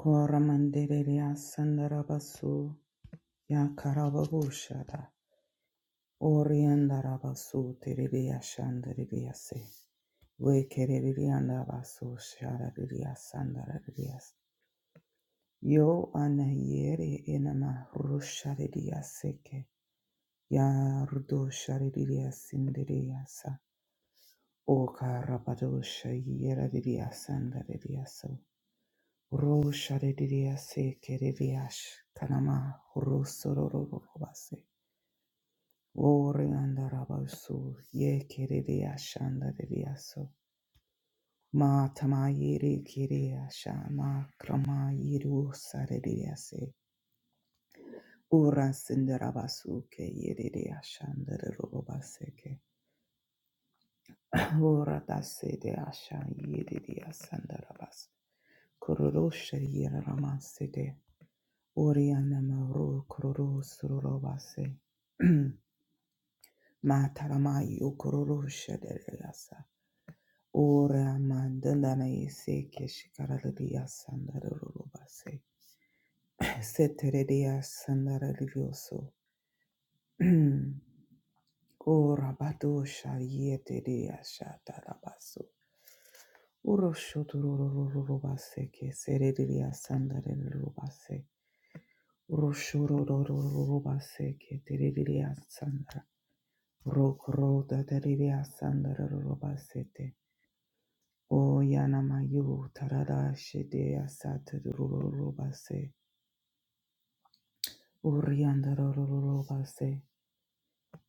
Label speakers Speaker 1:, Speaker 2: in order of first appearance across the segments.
Speaker 1: Koramandereya sandarabasu ya karababushada oriandarabasu tereya shandareya se wekereyandarabasu shadareya sandareya yo anayere enama rushadeya seke ya rudo shadeya sindereya sa o karabadosha yeradeya sandareya Ro shadidiya se keridiyash kanama ro sororobase. Ore andarabasu ye keridiyash andaridiyaso. Ma tamayiri kiriyasha ma krama yiru saridiyase. Ura sindarabasu ke yiridiyashandarobase ke. Ora dasse de asha yede de asandarabas. Kururosha yera ramase de. Oriana maru kururu sururobase. Mataramai ukururosha de yasa. Ora mandandana yese keshikarada de asandarabase. Setere de asandarabioso. Ora badosha yete de ashata rabaso. Uroshotorororobase ke serediria sandare rubase. Uroshotorororobase ke terediria sandara. rokroda da teridia sandara rubasete. O yanamayu tarada shede asate rubase. Uriandara rubase.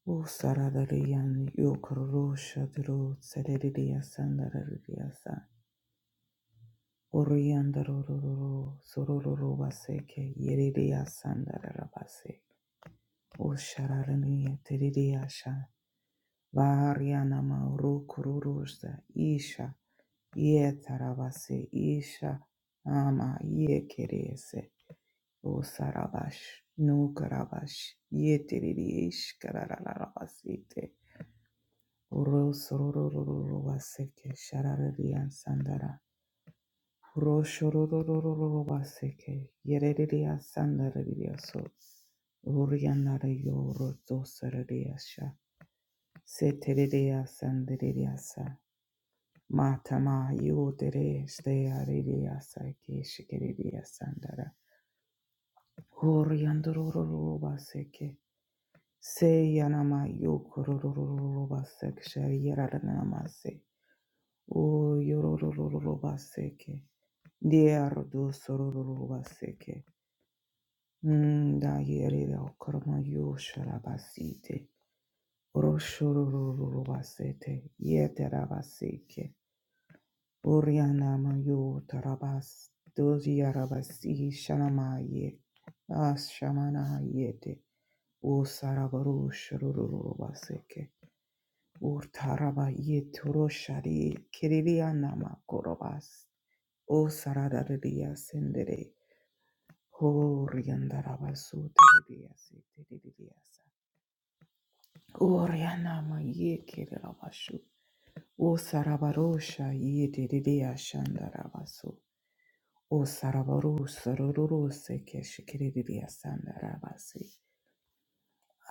Speaker 1: O sarararian yokororo shadoro sereriya sandarariya sa oriandarororo sorororo baseke yereriya sandararabase O shararaniya teriya sha variana mauro kururusa isha ye tarabase isha ama ye kerese O sarabash no karabash ye teriya ish Oro sororororo waseke shararirian sandara. Oro shororororo waseke yereriria sandaririria so. Urianara yoro dosararia sha. Seteriria sandariria sa. Matama yodere steariria sa ke shikeriria sandara. Uriandororo waseke. Se yanama yokorororo waseke shariaranaramase. O yororororo baseke. Diardo sorororo baseke. Nda yerere okoroma yoshara basite. Roshorororo basete. Yetera baseke. Orianama yotarabas. Doziarabasi shanamaye. Ashamana yete. O sarabaru shorororo baseke. Urtaraba yeturoshari kiririanama korobas. O sararaririya sendere. Ho riandarabasu teridiya seteridiya sa. O rianama ye kererabasu. O sarabarosha ye teridiya shandarabasu. O sarabaru sararuru seke shikiridiya sandarabasi.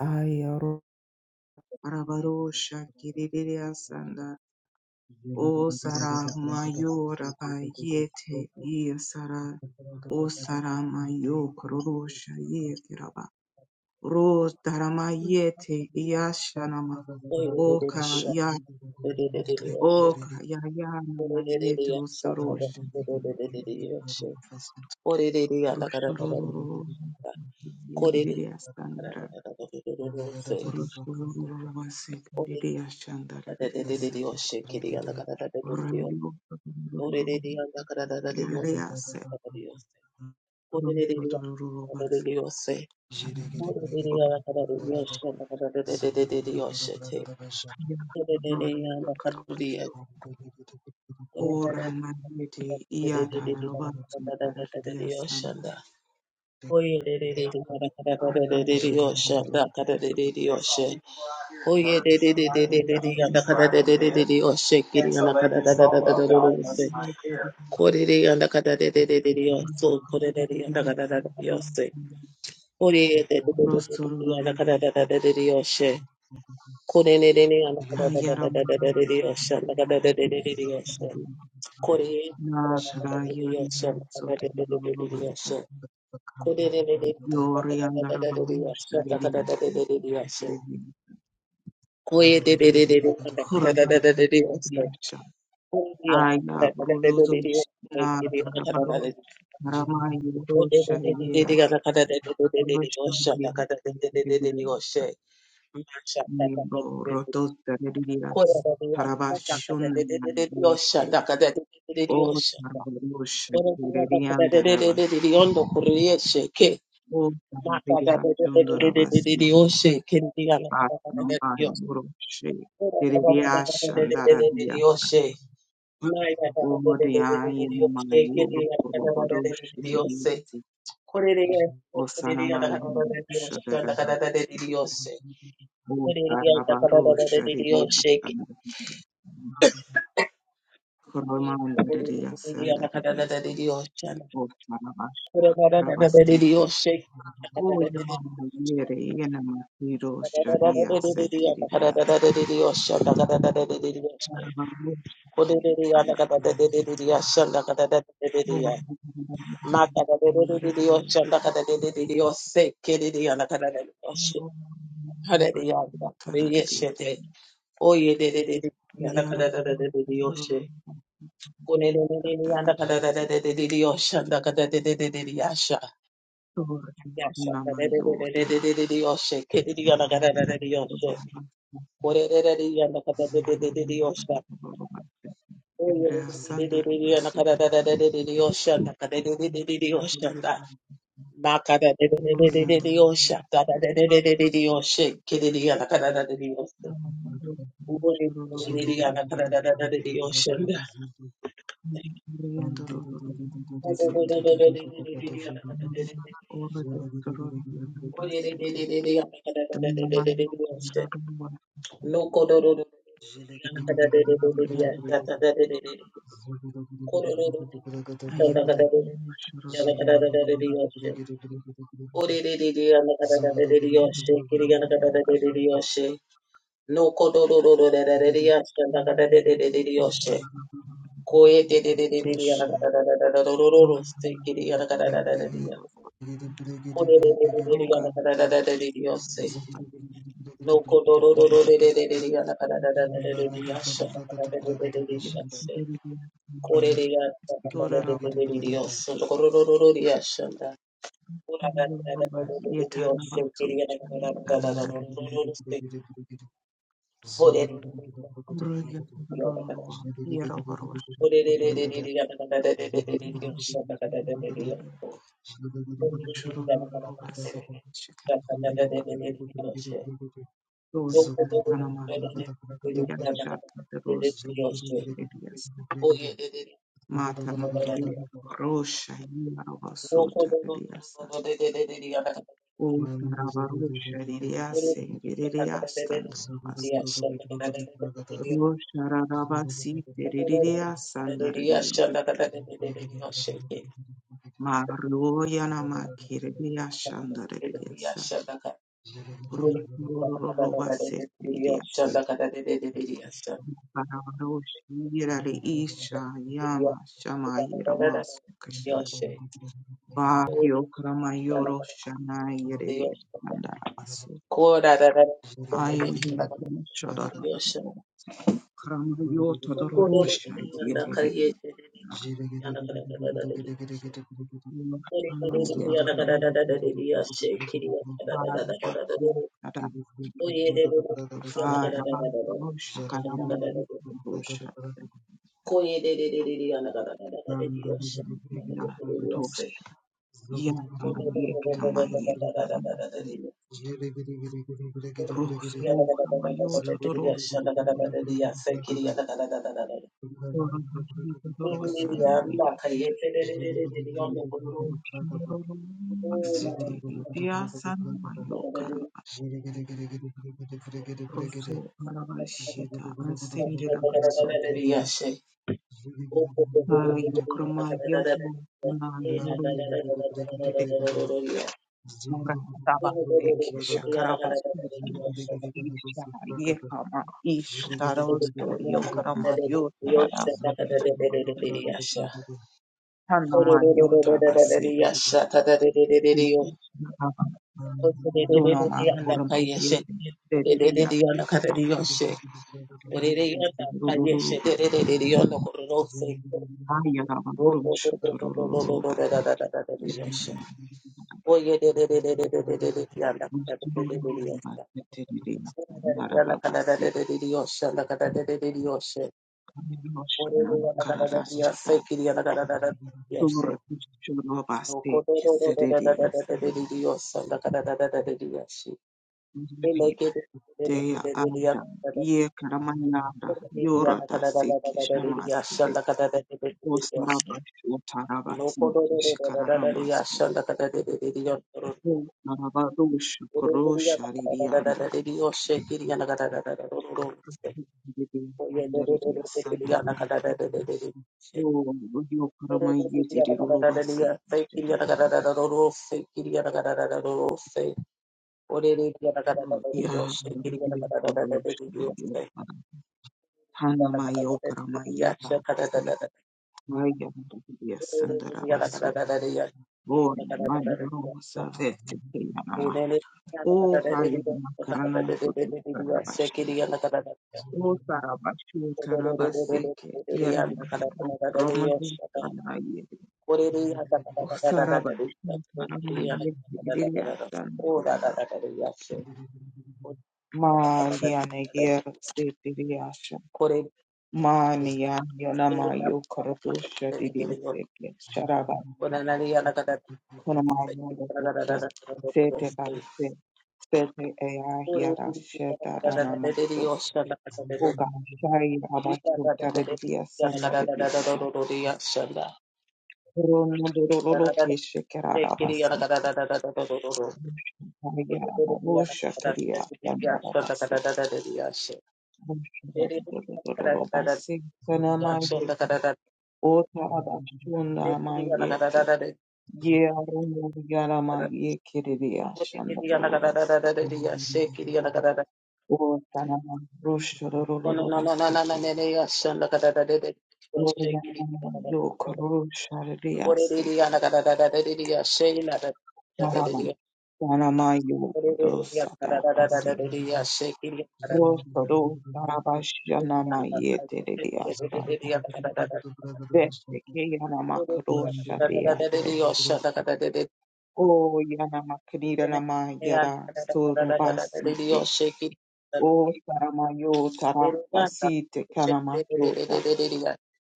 Speaker 1: Ayaro
Speaker 2: Thank
Speaker 1: arabarosha kiridiya sandar. O saramayora bayete ye sarar. O sarama yo kororosha ye kiraba. Ro darama yete yashanama
Speaker 3: Dios,
Speaker 1: oka ya oka ya yanama yeto sorosh roshororo yemidiya standara roshororo vase midiya shandara vidiyasa rayo yase roshororo vase ya
Speaker 2: you. Zulu
Speaker 1: Ora mandete iata la roba sotara dia sana
Speaker 3: Oye de de de de kada kada de de de de
Speaker 1: ariando
Speaker 3: osha da kada de de de osha. Oye de de de de de de de yanda kada de de de de de osha kiri yanda kada da da da da da da da osha. Kore de yanda kada de de de de de oso kore de de yanda kada da da de osha. Kore de de de de de de de
Speaker 1: rosoro
Speaker 3: yanda kada da da da de de osha. Kore ne de de yanda kada da da
Speaker 1: hayara
Speaker 3: da da da
Speaker 1: mandete
Speaker 3: de de osha da kada da de de de de osha. Kore yanda kada da da da de de osha da kada da de
Speaker 1: na taraya sotara
Speaker 3: de
Speaker 1: roba
Speaker 3: de de de osha.
Speaker 1: baste
Speaker 3: Koye
Speaker 1: yori andara mandete dia sana Ora mandete dia sana aya brudoso na karabaro karamayo Roshandia, Tekidia, Nimbo, Rotos, Teredia, Tarabashun, Yeke, O Tarabush, Tiredian, Darabas, O
Speaker 3: Dios,
Speaker 1: Taradia, Chundorabas, Batamai, Roche, Teredia, Shandaradia, O Dia, Yanamai, Robodosh, O Sanamai, Shadaraba, O Tarabarosh, Redia, Koroma underia sandaria o parabasha rabasite o yamana yere yena
Speaker 3: Yasha,
Speaker 1: matiro sharia seteriria sandaria anda abasu o sandaria o tararia yara rolo andarabase o nama yo taraba
Speaker 3: これででやなかたでででででよしゃ。おいででででやなかたででででよしゃ。なかでででででよしゃんだ。まかででででででよしゃ。ただでででででよし。けででやなかたででよし。おいでででやなかたででよしゃんだ。おいでででででやなかたでででよし。おいででででやなかたででででよし。のこどろどろでででやなかたででででやしゃ。ただでででで。
Speaker 1: o sandaria Oh God,
Speaker 2: Zulu
Speaker 3: No,
Speaker 2: Zilagada bada brakata brakata pashanda mani brigidu
Speaker 1: Tora Rava,
Speaker 2: brigidu brakata
Speaker 1: Rava, Yetarna Vatsu,
Speaker 2: zilagada brigidu brigidu brigidu zogada brigidu brakata
Speaker 1: Raya
Speaker 2: brakata
Speaker 1: Rorova,
Speaker 2: zilagada brigidu brigidu brakata brakata zogada brigidu brigidu brakata
Speaker 1: Yera
Speaker 2: zilagada brigidu brigidu brakata
Speaker 1: Mashurururu basi
Speaker 2: brakata
Speaker 1: shikandana
Speaker 2: zilagada brigidu brigidu brigidu
Speaker 1: matolika
Speaker 2: zogada
Speaker 1: anama
Speaker 2: brigidu brakata brakata
Speaker 1: yikiriya
Speaker 2: brakata
Speaker 1: shakanda rose
Speaker 2: zilagada brigidu brigidu
Speaker 1: shikiriyasa
Speaker 2: brigidu zogada
Speaker 1: mata
Speaker 2: brigidu
Speaker 3: Oye,
Speaker 1: mandiye
Speaker 2: brakata
Speaker 1: rosha yira
Speaker 3: Yes,
Speaker 1: vasota riyasa
Speaker 2: mani
Speaker 1: otara
Speaker 2: brigidu brigidu
Speaker 1: varosha ririyase
Speaker 2: brigidu
Speaker 1: ngiriyastanda
Speaker 2: Zero
Speaker 1: basa rosha raravasi ririyasanda riyo maroya namakiriya shanda ririyasa rosha rororo basi ririyasa Barabara isha yama shama yera masu kasha ba yo krama yoro shana yereri nandara masu
Speaker 3: Kora da da da da da
Speaker 1: ayo
Speaker 3: da da da da
Speaker 1: shadar
Speaker 3: da.
Speaker 1: krama yo
Speaker 3: Koro
Speaker 1: todoro
Speaker 3: da da
Speaker 1: sha
Speaker 3: da da
Speaker 1: yereri
Speaker 3: kariye da da da da da da da da da. Kori
Speaker 1: nandara ya
Speaker 3: da da da da
Speaker 1: krama
Speaker 3: da da da da da da. Kiri da da da da
Speaker 1: para
Speaker 3: da
Speaker 1: ba
Speaker 3: da da da.
Speaker 1: ro shada
Speaker 3: Oye da da da da da da
Speaker 1: para ba
Speaker 3: da da.
Speaker 1: ro shakara
Speaker 3: Da da da da
Speaker 1: mu
Speaker 3: da.
Speaker 1: ro shada
Speaker 3: Koye da da da da da da da da da da da.
Speaker 1: ya to ya
Speaker 2: Zugudu
Speaker 3: Koro
Speaker 1: krama
Speaker 3: da
Speaker 1: ye
Speaker 3: da da da da da da
Speaker 1: krama ye Rosrum Kamayor Todoros
Speaker 3: da da da da da. Yes,
Speaker 1: Dorosana Miyakeda Sete Diasan Mayo Karaba Rosso Rabashita Ansindi Rabasuke Yukrama Yato Ana Yuru Yede Mura Taba Deke Shakaraba
Speaker 2: Zulu
Speaker 1: Sutan Isha Yekama Ish Taros Yokarama yotara tanama yotara Yotavaseke Tuna makoroma yete terereya tata
Speaker 3: Yes.
Speaker 1: rurururubata haya rama burumsho turururubate yete turururubate terereya tandara babasi kameroshana kararashata turururubate keserereya sanama yerereya teya anda ye karamanyanda yorata seke shamaside osnarabashu
Speaker 3: No
Speaker 1: tarabasi keshikaranomas
Speaker 3: Reaction
Speaker 1: Marabadosha Korosha Ridianda Ridiandaria Sandara Oh yo Rio Parama Yeti Rulobase Ya Radio Korosha Hanama yo Yokarama Yata Maya Ridia Sandara Basu Oh Mandurosa Vete Yanama Oh Hayama Karana Bashi O Sarabashu Tarabaseke, Yerama, Ramazu Sanaye, O Sarabashu Taramaye, Viriatan,
Speaker 3: Who?
Speaker 1: Maliana Yer, Sepiriasha, Mania, Yonama, Yokorotosha, Didiaseke, Sharabasi, Konamaya, the Doctor, Sete Base, Sete Ea, Yara, Sheta, Ranamato, Uga, Shai,
Speaker 3: Yes,
Speaker 1: Abasu, Taradia, Sandaria. Rono dororo ke shekerara basi. Ayara borosha keria bandara basi. Rono dororo basi. Kana mayete. Otara bashunda mayete. Ye aruno yara maye kereria shanda dororo basuka. Otana borosha dororo basete. Royana Yo Tanamayo
Speaker 3: Shake
Speaker 1: Kadosata Rostoro Tarabashana Mayete Diasta. Vete
Speaker 2: Mandolin
Speaker 1: ke yana makrosha dease. O yana makrira lama yara sorabasite. O saramayo tarapasite kanamashota.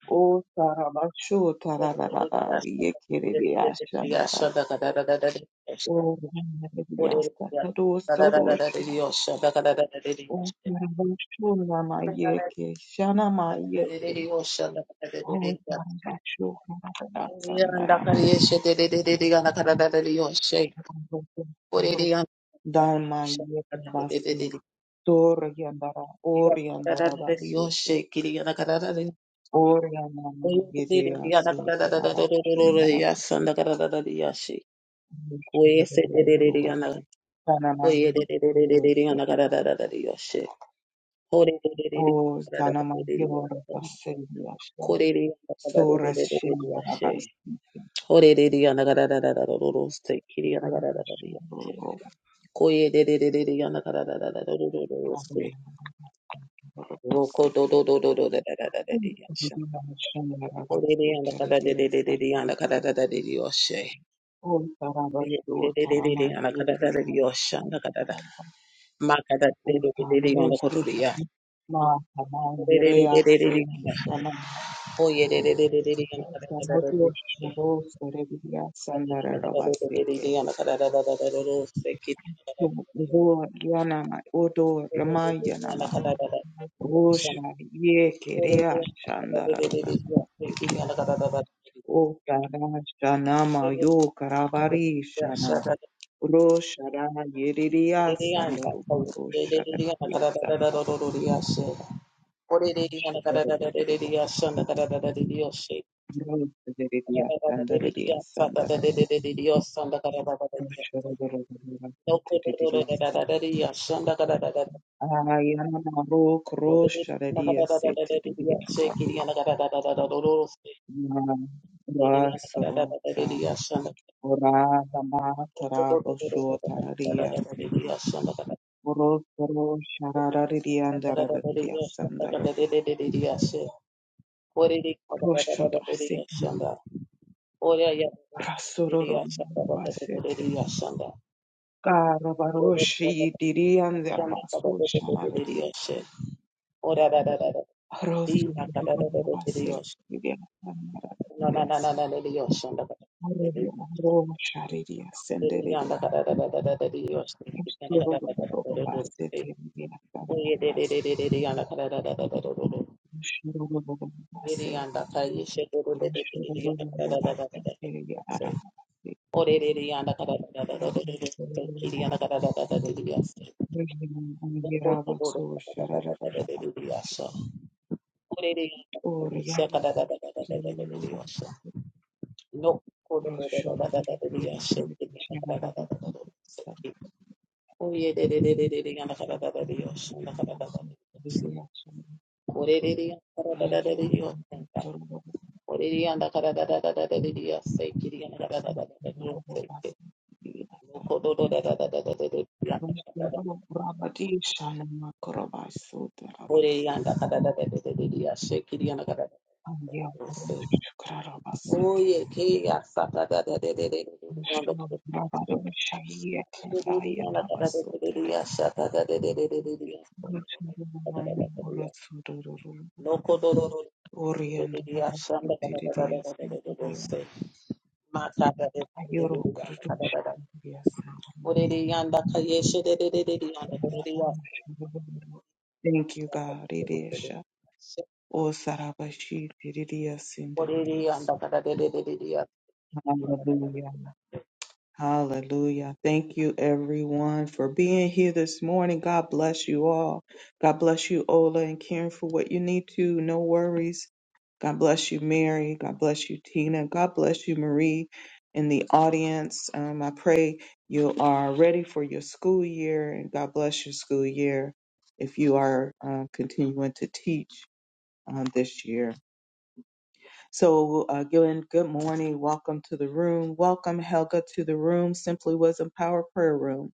Speaker 1: O sarabasho tararara yekere deashandara. O yana diasta taro soroshna. O sarabasho nama yeke shana Mayete.
Speaker 3: Yanda kariye shete de de de de yanda kada da da de yo she. Ore de yanda kada de
Speaker 1: Down
Speaker 3: yo
Speaker 1: my
Speaker 3: she. Kada de de de de
Speaker 1: yetabasi,
Speaker 3: de.
Speaker 1: Toriandara,
Speaker 3: Yanda kada da da
Speaker 1: Oriandara
Speaker 3: de de yo
Speaker 1: Basuta,
Speaker 3: she. Kiri yanda kada da de.
Speaker 1: Oriana
Speaker 3: Oye de de de de
Speaker 1: Yedia
Speaker 3: yanda kada
Speaker 1: Suta,
Speaker 3: da da da da da da da da.
Speaker 1: Abashundara,
Speaker 3: Yasanda kada da da de ya she. Oye se de de de de yanda.
Speaker 1: Mushurabasti, Sanama
Speaker 3: Oye de de de de de de de yanda
Speaker 1: Rushoto,
Speaker 3: kada da da da de yo she. Ore de de de de
Speaker 1: O
Speaker 3: kada da da
Speaker 1: Sanama
Speaker 3: de de de yo
Speaker 1: Yora
Speaker 3: she.
Speaker 1: Baselia
Speaker 3: Kore
Speaker 1: Shem,
Speaker 3: de yanda kada da da da
Speaker 1: Sora
Speaker 3: da da de yo she. Ore de de yanda kada da da da da da da. Kiri yanda kada da da de yo she.
Speaker 1: Shimabasti,
Speaker 3: Koye de de de de de yana kada da da da da do do do se. Roko do do do do do da da da da da de
Speaker 1: Odo
Speaker 3: yasha. Kore de yana kada de de de de de yana kada da da de de yoshe. De de de de de de yana kada da da de yosha na kada da. Ma kada de de de de de yana koru de ya. Kore de de de de de de yana. Koye de de de de de de yana kada da da da de yoshe. Yana kada da da de de yana kada da da da da do do se. Kit yana
Speaker 1: Ramayana
Speaker 3: kada da da de yoshe. Shake
Speaker 1: Roshara yeriria sandaru roshara yeriria sandaru roshara yeriria sandaria sandara roshara yeriria sandaria ayana rok roshara yeriria sete yeriria sandaria rasoro sa ora dama
Speaker 3: Ora
Speaker 1: tara bosho tararia sanki roshara yeriria sandaria sandara roshara Rasororo basete. Karabaroshi dirian de abasu shararadi. Rosororo basete. Diria sanara diriasa. Arodia ro sharidia senderia. Rasororo basete. Diria
Speaker 3: No.
Speaker 1: sanara bas. Rosororo basete. Rosororo basete. Diria arabasi. Rosororo basete. Diria abasu shararadi. Oriana Tururu Roshoro Rayo Tururu
Speaker 3: Oriyanda kara da da da da da da da se kiriyanda kara da da da da diya se ke loko do do da da da da da da da.
Speaker 1: Roshoro Rabadi Shanama Korobasu Terabasi
Speaker 3: oriyanda kara da da da da da da se kiriyanda kara da da da
Speaker 1: Andia
Speaker 3: da se
Speaker 1: Kurarabasite
Speaker 3: oye ke ya sa da da da da da da oriyanda
Speaker 1: Rabado Shayet
Speaker 3: oriyanda kara da
Speaker 1: Ayatabasu
Speaker 3: da da
Speaker 1: Terabasi
Speaker 3: da sa da da da da da da diya loko do do do da
Speaker 1: Oriana
Speaker 3: da da sa
Speaker 1: Rabadi
Speaker 3: da da da da da
Speaker 1: Tiridia
Speaker 3: da da
Speaker 1: Sentinel
Speaker 3: se ma sa da da da
Speaker 1: Ayoro Kurudusha
Speaker 3: da da
Speaker 1: Yasa
Speaker 3: Orere yanda kayeshe de de de de de yanda
Speaker 1: Mama
Speaker 3: orere yanda.
Speaker 1: Amushuru. Thank you, God. Irisha. O Sarabashiti Ridia
Speaker 3: Orere
Speaker 1: Sindiriasu.
Speaker 3: yanda kada de de de de de yanda.
Speaker 1: Hallelujah. Hallelujah. Thank you, everyone, for being here this morning. God bless you all. God bless you, Ola, and Karen, for what you need to. No worries. God bless you, Mary. God bless you, Tina. God bless you, Marie, in the audience. Um, I pray you are ready for your school year, and God bless your school year if you are uh, continuing to teach um, this year. So, again, good morning. Welcome to the room. Welcome, Helga, to the room. Simply Wisdom Power Prayer Room.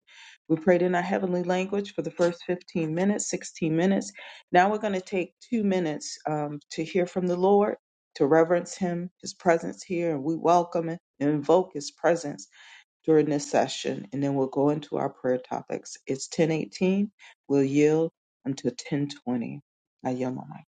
Speaker 1: We prayed in our heavenly language for the first 15 minutes, 16 minutes. Now we're going to take two minutes um, to hear from the Lord, to reverence Him, His presence here, and we welcome and invoke His presence during this session. And then we'll go into our prayer topics. It's 1018. We'll yield until 1020. I yield my mic.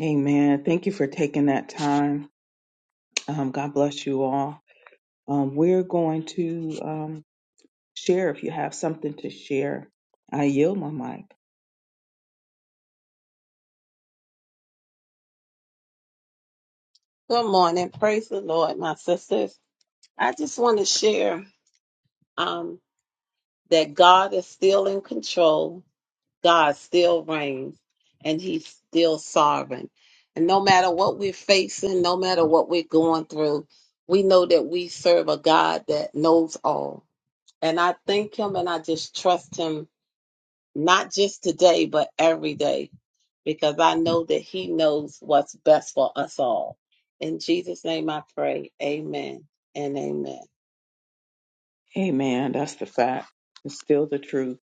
Speaker 1: Amen. Thank you for taking that time. Um, God bless you all. Um, we're going to um, share if you have something to share. I yield my mic.
Speaker 3: Good morning. Praise the Lord, my sisters. I just want to share um, that God is still in control. God still reigns and he's still sovereign. And no matter what we're facing, no matter what we're going through, we know that we serve a God that knows all. And I thank him and I just trust him not just today, but every day, because I know that He knows what's best for us all. In Jesus' name I pray. Amen and amen.
Speaker 1: Amen. That's the fact. It's still the truth.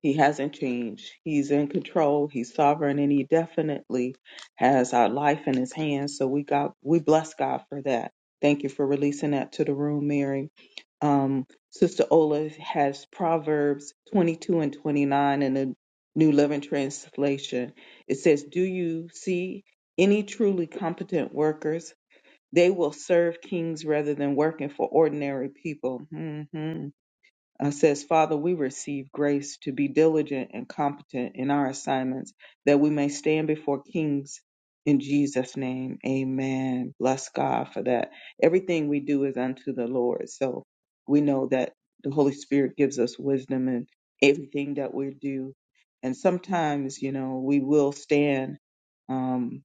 Speaker 1: He hasn't changed. He's in control. He's sovereign, and he definitely has our life in his hands. So we got we bless God for that. Thank you for releasing that to the room, Mary. Um, Sister Ola has Proverbs 22 and 29 in the New Living Translation. It says, Do you see any truly competent workers? They will serve kings rather than working for ordinary people. Mhm uh, says, Father, we receive grace to be diligent and competent in our assignments that we may stand before kings in Jesus' name. Amen. Bless God for that. Everything we do is unto the Lord. So we know that the Holy Spirit gives us wisdom in everything that we do. And sometimes, you know, we will stand um,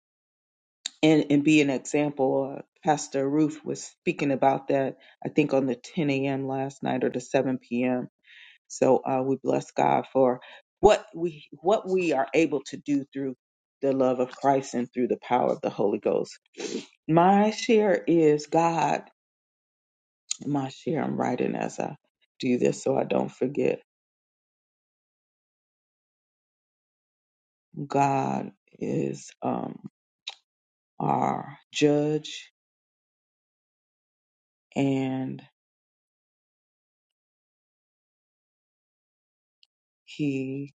Speaker 1: and, and be an example. Uh, Pastor Ruth was speaking about that, I think, on the 10 a.m. last night or the 7 p.m so uh, we bless God for what we what we are able to do through the love of Christ and through the power of the Holy Ghost. My share is God. My share. I'm writing as I do this so I don't forget. God is um, our judge, and He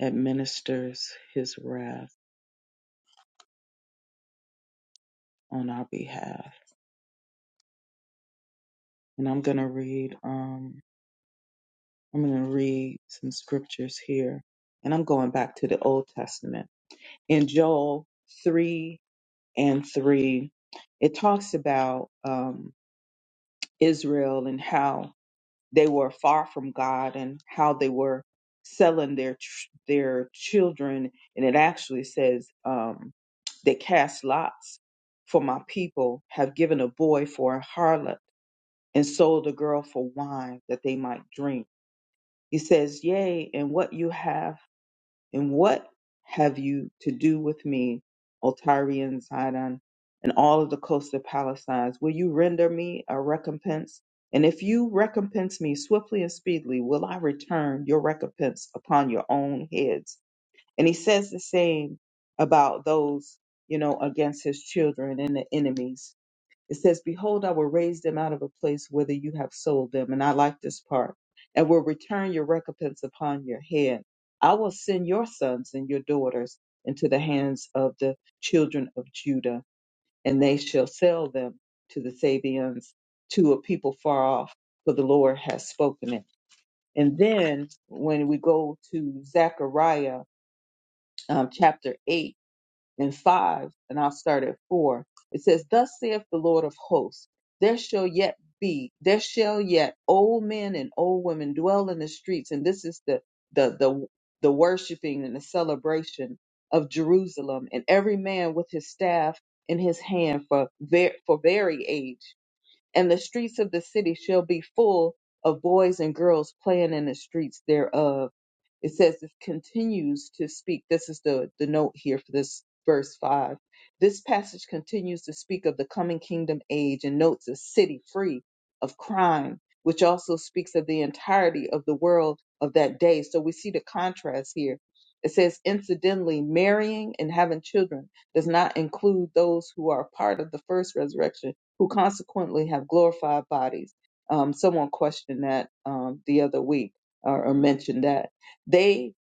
Speaker 1: administers His wrath on our behalf. And I'm gonna read. Um, I'm going to read some scriptures here, and I'm going back to the Old Testament. In Joel 3 and 3, it talks about um, Israel and how they were far from God and how they were selling their ch- their children, and it actually says um, they cast lots for my people, have given a boy for a harlot, and sold a girl for wine that they might drink. He says, Yea, and what you have And what have you to do with me, O Tyrian and Zidon, and all of the coast of Palestine? Will you render me a recompense? And if you recompense me swiftly and speedily, will I return your recompense upon your own heads? And he says the same about those, you know, against his children and the enemies it says, Behold, I will raise them out of a place whither you have sold them. And I like this part. And will return your recompense upon your head. I will send your sons and your daughters into the hands of the children of Judah, and they shall sell them to the Sabians, to a people far off, for the Lord has spoken it. And then when we go to Zechariah um, chapter 8, and five, and I'll start at four. It says, Thus saith the Lord of hosts, there shall yet be, there shall yet old men and old women dwell in the streets. And this is the the the the worshiping and the celebration of Jerusalem, and every man with his staff in his hand for ver- for very age. And the streets of the city shall be full of boys and girls playing in the streets thereof it says it continues to speak this is the the note here for this verse 5 this passage continues to speak of the coming kingdom age and notes a city free of crime which also speaks of the entirety of the world of that day so we see the contrast here it says incidentally marrying and having children does not include those who are part of the first resurrection who consequently have glorified bodies um, someone questioned that um, the other week or, or mentioned that they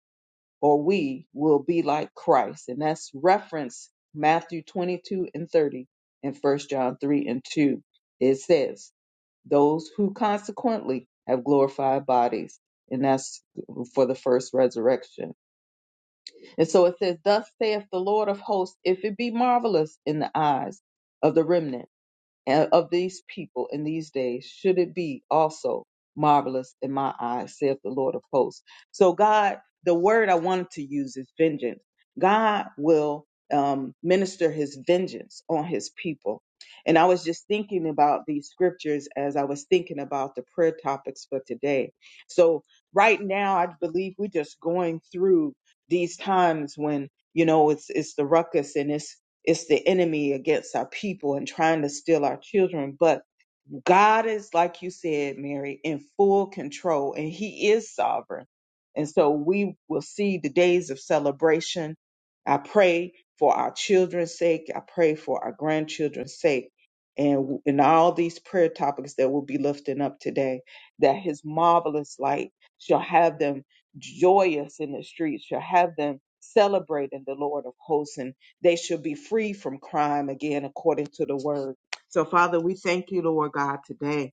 Speaker 1: or we will be like Christ. And that's reference Matthew 22 and 30 and First John 3 and 2. It says, those who consequently have glorified bodies. And that's for the first resurrection. And so it says, Thus saith the Lord of hosts, if it be marvelous in the eyes of the remnant and of these people in these days should it be also marvelous in my eyes saith the lord of hosts so god the word i wanted to use is vengeance god will um, minister his vengeance on his people and i was just thinking about these scriptures as i was thinking about the prayer topics for today so right now i believe we're just going through these times when you know it's it's the ruckus and it's it's the enemy against our people and trying to steal our children. But God is, like you said, Mary, in full control and He is sovereign. And so we will see the days of celebration. I pray for our children's sake. I pray for our grandchildren's sake. And in all these prayer topics that we'll be lifting up today, that His marvelous light shall have them joyous in the streets, shall have them celebrating the Lord of hosts, and they shall be free from crime again, according to the word so, Father, we thank you, Lord God, today.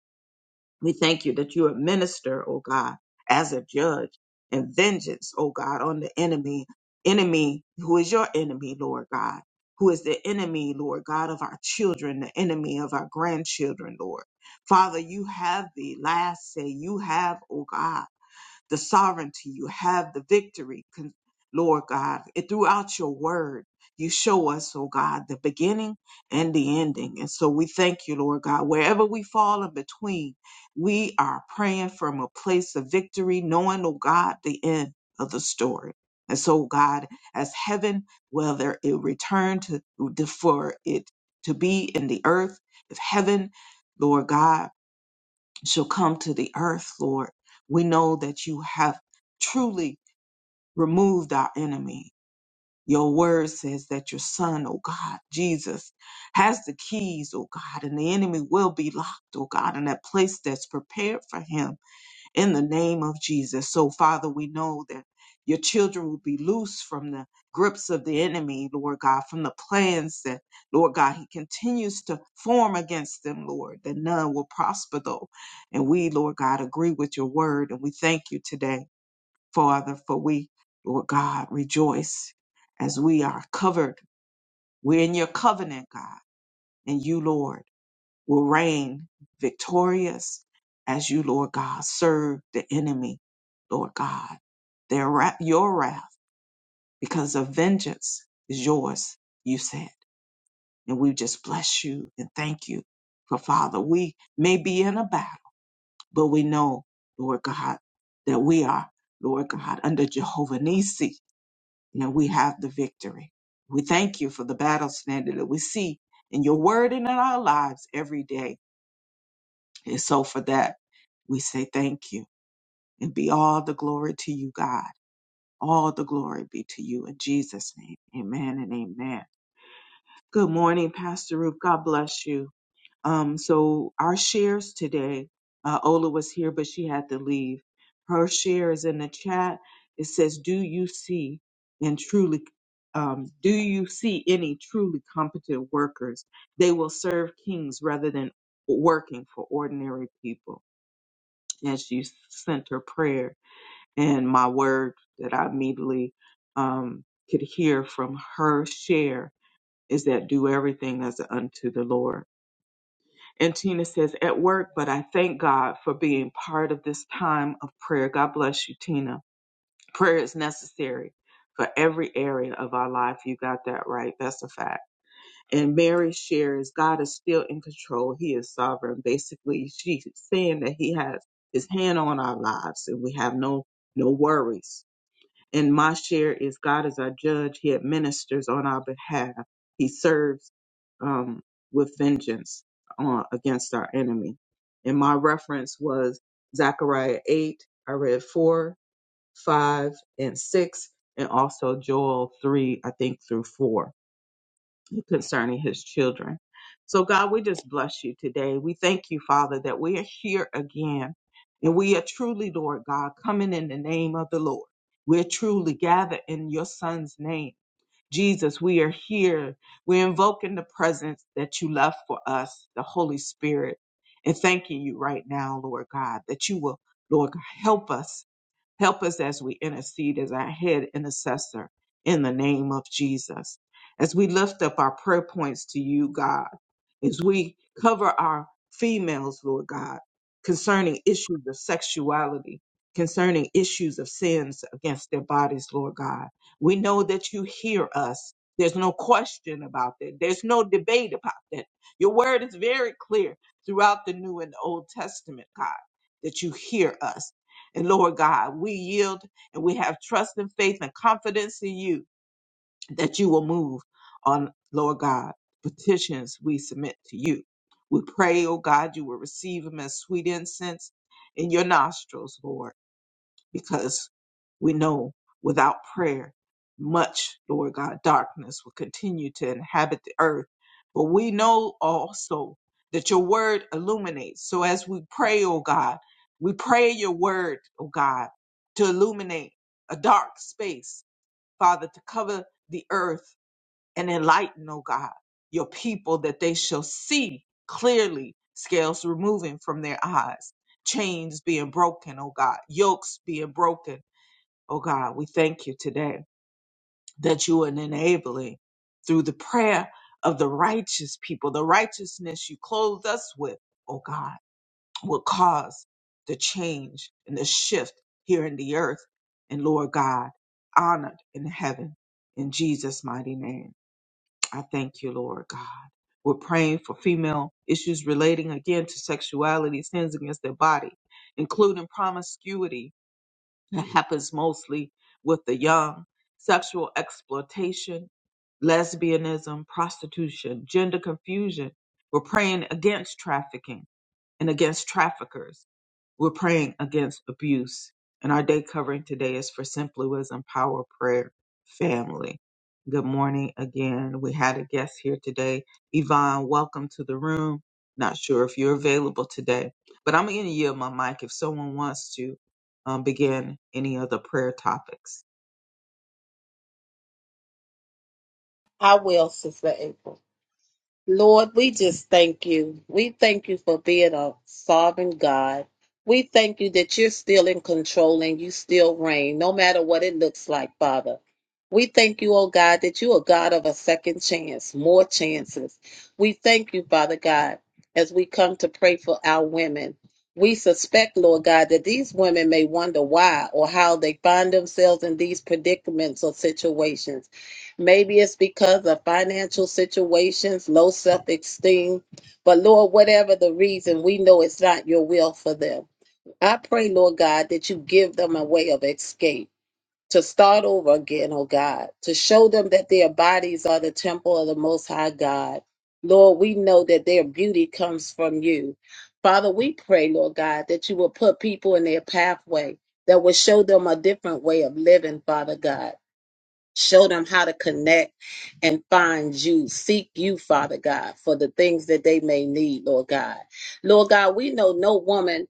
Speaker 1: We thank you that you administer, oh God, as a judge and vengeance, oh God, on the enemy, enemy who is your enemy, Lord God, who is the enemy, Lord God, of our children, the enemy of our grandchildren, Lord. Father, you have the last say. You have, oh God the sovereignty. You have the victory, con- Lord God. And throughout your word, you show us, oh God, the beginning and the ending. And so we thank you, Lord God. Wherever we fall in between, we are praying from a place of victory, knowing, oh God, the end of the story. And so, God, as heaven, whether it returned to for it to be in the earth, if heaven, Lord God, shall come to the earth, Lord. We know that you have truly removed our enemy. Your word says that your son, oh God, Jesus, has the keys, oh God, and the enemy will be locked, oh God, in that place that's prepared for him in the name of Jesus. So, Father, we know that your children will be loose from the grips of the enemy, Lord God, from the plans that, Lord God, he continues to form against them, Lord, that none will prosper, though. And we, Lord God, agree with your word. And we thank you today, Father, for we, Lord God, rejoice as we are covered. We're in your covenant, God, and you, Lord will reign victorious as you, Lord God, serve the enemy, Lord God. Their wrath, your wrath, because of vengeance is yours, you said. And we just bless you and thank you. For Father, we may be in a battle, but we know, Lord God, that we are, Lord God, under Jehovah Nisi, and we have the victory. We thank you for the battle standard that we see in your word and in our lives every day. And so for that. We say thank you and be all the glory to you, God. All the glory be to you in Jesus' name. Amen and amen. Good morning, Pastor Ruth. God bless you. Um, so our shares today, uh, Ola was here, but she had to leave. Her share is in the chat. It says, Do you see and truly um, do you see any truly competent workers? They will serve kings rather than working for ordinary people. And she sent her prayer and my word that I immediately um, could hear from her share is that do everything as unto the Lord. And Tina says, at work, but I thank God for being part of this time of prayer. God bless you, Tina. Prayer is necessary for every area of our life. You got that right. That's a fact. And Mary shares, God is still in control. He is sovereign. Basically, she's saying that He has His hand on our lives and we have no no worries and my share is God is our judge. He administers on our behalf. He serves um, with vengeance uh, against our enemy. And my reference was Zechariah 8. I read 4, 5, and 6, and also Joel 3, I think, through 4 concerning his children. So, God, we just bless you today. We thank you, Father, that we are here again. And we are truly, Lord God, coming in the name of the Lord. We're truly gathered in your Son's name. Jesus, we are here. We're invoking the presence that you left for us, the Holy Spirit, and thanking you right now, Lord God, that you will, Lord God, help us Help us as we intercede as our head intercessor in the name of Jesus. As we lift up our prayer points to you, God, as we cover our females, Lord God, concerning issues of sexuality, concerning issues of sins against their bodies, Lord God. We know that you hear us. There's no question about that. There's no debate about that. Your word is very clear throughout the New and Old Testament, God, that you hear us and Lord God, we yield and we have trust and faith and confidence in you that you will move on, Lord God, petitions we submit to you. We pray, oh God, you will receive them as sweet incense in your nostrils, Lord because we know without prayer, much, Lord God, darkness will continue to inhabit the earth. But we know also that your word illuminates. So as we pray, oh God, we pray your word, oh God, to illuminate a dark space, Father, to cover the earth and enlighten, oh God, your people that they shall see clearly, scales removing from their eyes, chains being broken, oh God, yokes being broken Oh God, we thank you today that you are enabling through the prayer of the righteous people, the righteousness you clothe us with, oh God, will cause the change and the shift here in the earth. And Lord God, honored in heaven in Jesus' mighty name. I thank you, Lord God. We're praying for female issues relating again to sexuality, sins against their body, including promiscuity, it happens mostly with the young. Sexual exploitation, lesbianism, prostitution, gender confusion. We're praying against trafficking and against traffickers. We're praying against abuse. And our day covering today is for Simply Wisdom Power Prayer Family. Good morning again. We had a guest here today. Yvonne, welcome to the room. Not sure if you're available today, but I'm going to yield my mic if someone wants to um, begin any other prayer topics.
Speaker 3: I will, Sister April. Lord, we just thank you. We thank you for being a sovereign God. We thank you that you're still in control and you still reign, no matter what it looks like, Father. We thank you, oh God, that you are God of a second chance, more chances. We thank you, Father God, as we come to pray for our women. We suspect, Lord God, that these women may wonder why or how they find themselves in these predicaments or situations. Maybe it's because of financial situations, low self esteem. But Lord, whatever the reason, we know it's not your will for them. I pray, Lord God, that you give them a way of escape. To start over again, oh God, to show them that their bodies are the temple of the Most High God. Lord, we know that their beauty comes from you. Father, we pray, Lord God, that you will put people in their pathway that will show them a different way of living, Father God Show them how to connect and find you. Seek you, Father God, for the things that they may need, Lord God. Lord God, we know no woman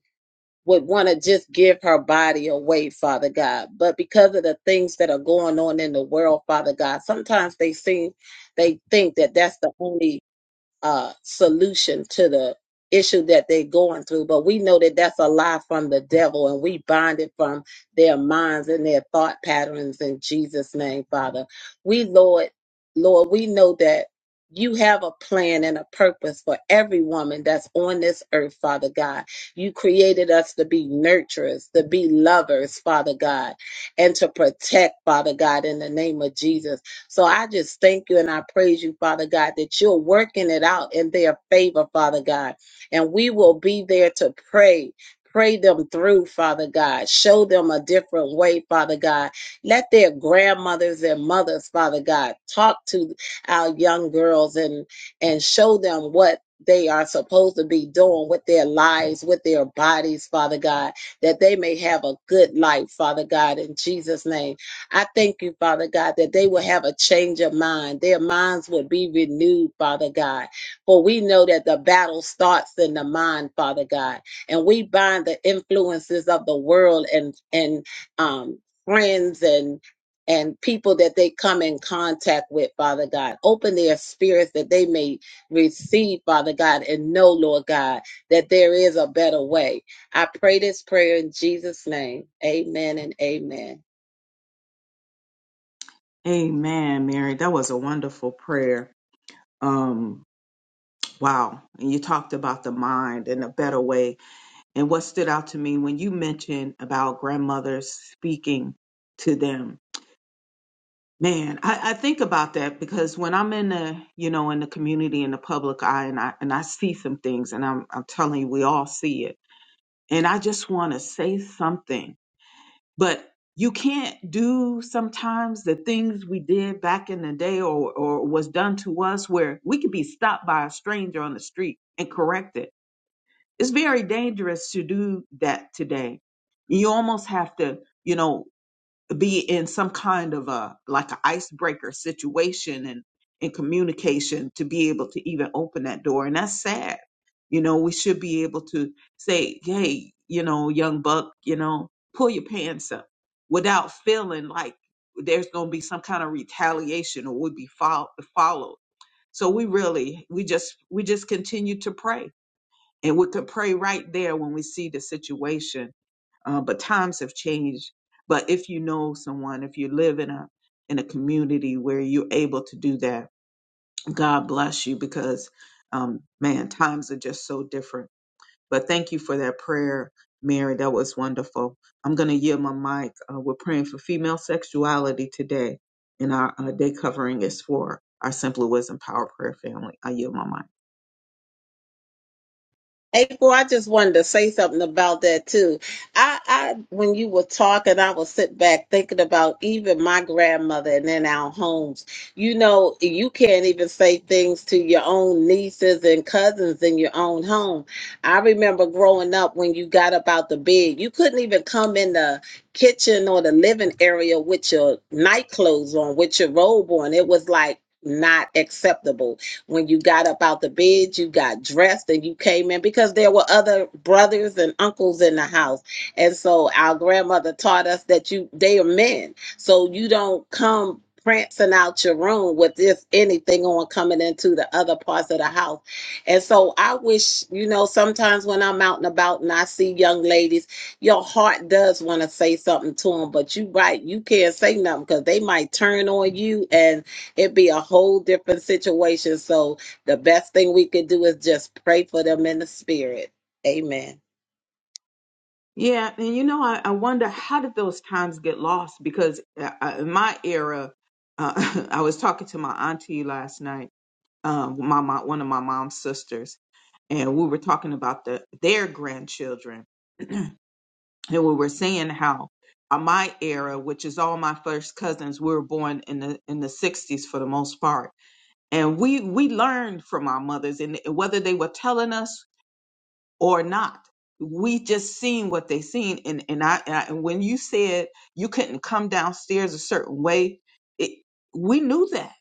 Speaker 3: would want to just give her body away, Father God. But because of the things that are going on in the world, Father God, sometimes they seem they think that that's the only uh, solution to the issue that they're going through. But we know that that's a lie from the devil, and we bind it from their minds and their thought patterns in Jesus' name, Father. We, Lord, Lord, we know that you have a plan and a purpose for every woman that's on this earth, Father God. You created us to be nurturers, to be lovers, Father God, and to protect, Father God, in the name of Jesus. So I just thank you and I praise you, Father God, that you're working it out in their favor, Father God. And we will be there to pray. Pray them through, Father God. Show them a different way, Father God. Let their grandmothers and mothers, Father God, talk to our young girls and and show them what they are supposed to be doing with their lives, with their bodies, Father God, that they may have a good life, Father God, in Jesus' name. I thank you, Father God, that they will have a change of mind. Their minds will be renewed, Father God. For we know that the battle starts in the mind, Father God. And we bind the influences of the world and and um friends and and people that they come in contact with, Father God. Open their spirits that they may receive, Father God, and know, Lord God, that there is a better way. I pray this prayer in Jesus' name. Amen and amen.
Speaker 1: Amen, Mary. That was a wonderful prayer. Um, wow. And you talked about the mind and a better way And what stood out to me when you mentioned about grandmothers speaking to them, man, I, I think about that because when I'm in the, you know, in the community in the public eye and I and I see some things and I'm I'm telling you, we all see it. And I just want to say something. But you can't do sometimes the things we did back in the day or, or was done to us where we could be stopped by a stranger on the street and corrected it's very dangerous to do that today. You almost have to, you know, be in some kind of a like an icebreaker situation and in communication to be able to even open that door. And that's sad. You know, we should be able to say, hey, you know, young buck, you know, pull your pants up without feeling like there's going to be some kind of retaliation or would be fol- followed. So we really, we just, we just continue to pray and we could pray right there when we see the situation. Uh, but times have changed. But if you know someone, if you live in a in a community where you're able to do that, God bless you because um, man, times are just so different. But thank you for that prayer, Mary. That was wonderful. I'm gonna yield my mic. Uh, we're praying for female sexuality today, and our uh, day covering is for our Simply Wisdom Power Prayer family. I yield my mic.
Speaker 3: April, I just wanted to say something about that too. I, I, when you were talking, I was sit back thinking about even my grandmother and in our homes. You know, you can't even say things to your own nieces and cousins in your own home. I remember growing up when you got up out the bed, you couldn't even come in the kitchen or the living area with your night clothes on, with your robe on. It was like not acceptable when you got up out the bed, you got dressed and you came in because there were other brothers and uncles in the house. And so our grandmother taught us that you they are men. So you don't come prancing out your room with this anything on coming into the other parts of the house. And so I wish, you know, sometimes when I'm out and about and I see young ladies, your heart does want to say something to them, but you right, you can't say nothing because they might turn on you and it'd be a whole different situation. So the best thing we could do is just pray for them in the spirit. Amen.
Speaker 1: Yeah, and you know, I, I wonder how did those times get lost? Because uh, uh, in my era, uh, I was talking to my auntie last night, um, my, my one of my mom's sisters, and we were talking about the their grandchildren, and we were saying how uh, my era, which is all my first cousins, we were born in the in the '60s for the most part, and we we learned from our mothers, and whether they were telling us or not. We just seen what they seen, and and I, and I and when you said you couldn't come downstairs a certain way, it, we knew that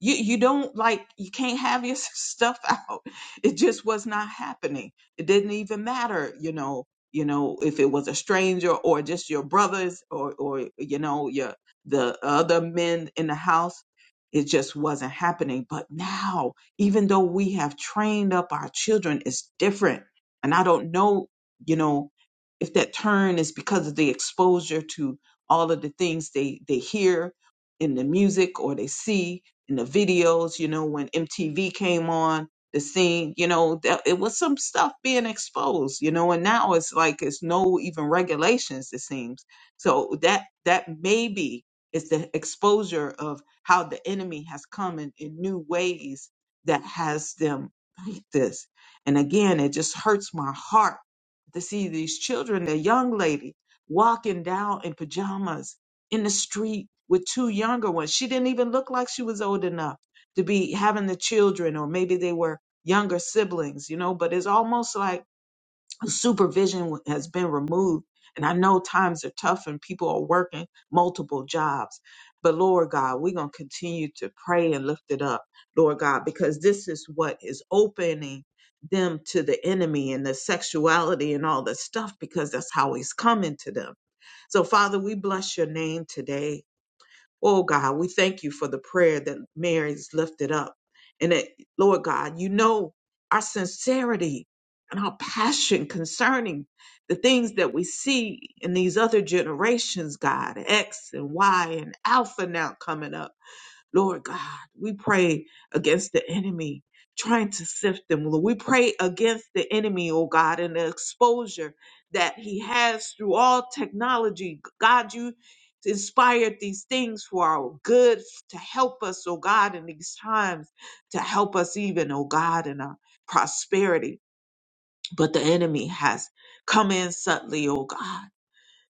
Speaker 1: you you don't like you can't have your stuff out it just was not happening it didn't even matter you know you know if it was a stranger or just your brothers or or you know your the other men in the house it just wasn't happening but now even though we have trained up our children it's different and i don't know you know if that turn is because of the exposure to all of the things they they hear in the music or they see in the videos, you know, when MTV came on the scene, you know, that it was some stuff being exposed, you know, and now it's like it's no even regulations, it seems. So that that maybe is the exposure of how the enemy has come in, in new ways that has them like this. And again, it just hurts my heart to see these children, the young lady walking down in pajamas in the street with two younger ones. She didn't even look like she was old enough to be having the children, or maybe they were younger siblings, you know, but it's almost like supervision has been removed. And I know times are tough and people are working multiple jobs. But Lord God, we're going to continue to pray and lift it up, Lord God, because this is what is opening them to the enemy and the sexuality and all this stuff, because that's how he's coming to them. So, Father, we bless your name today. Oh God, we thank you for the prayer that Mary's lifted up. And that, Lord God, you know our sincerity and our passion concerning the things that we see in these other generations, God, X and Y and Alpha now coming up. Lord God, we pray against the enemy trying to sift them. Lord, we pray against the enemy, oh God, and the exposure that he has through all technology. God, you inspired these things for our good to help us, oh God, in these times, to help us even, oh God, in our prosperity. But the enemy has come in subtly, oh God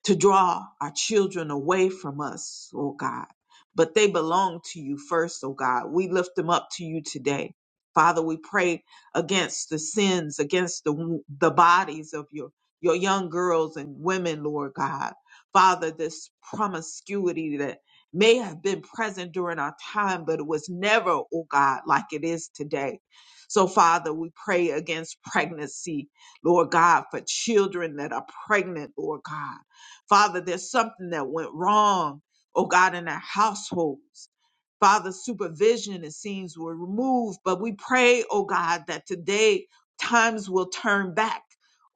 Speaker 1: to draw our children away from us, oh God. But they belong to you first, oh God. We lift them up to you today. Father, we pray against the sins, against the, the bodies of your, your young girls and women, Lord God. Father, this promiscuity that may have been present during our time, but it was never, oh God, like it is today. So, Father, we pray against pregnancy, Lord God, for children that are pregnant, Lord God. Father, there's something that went wrong, oh God, in our households. Father, supervision, it seems, were removed, but we pray, oh God, that today times will turn back,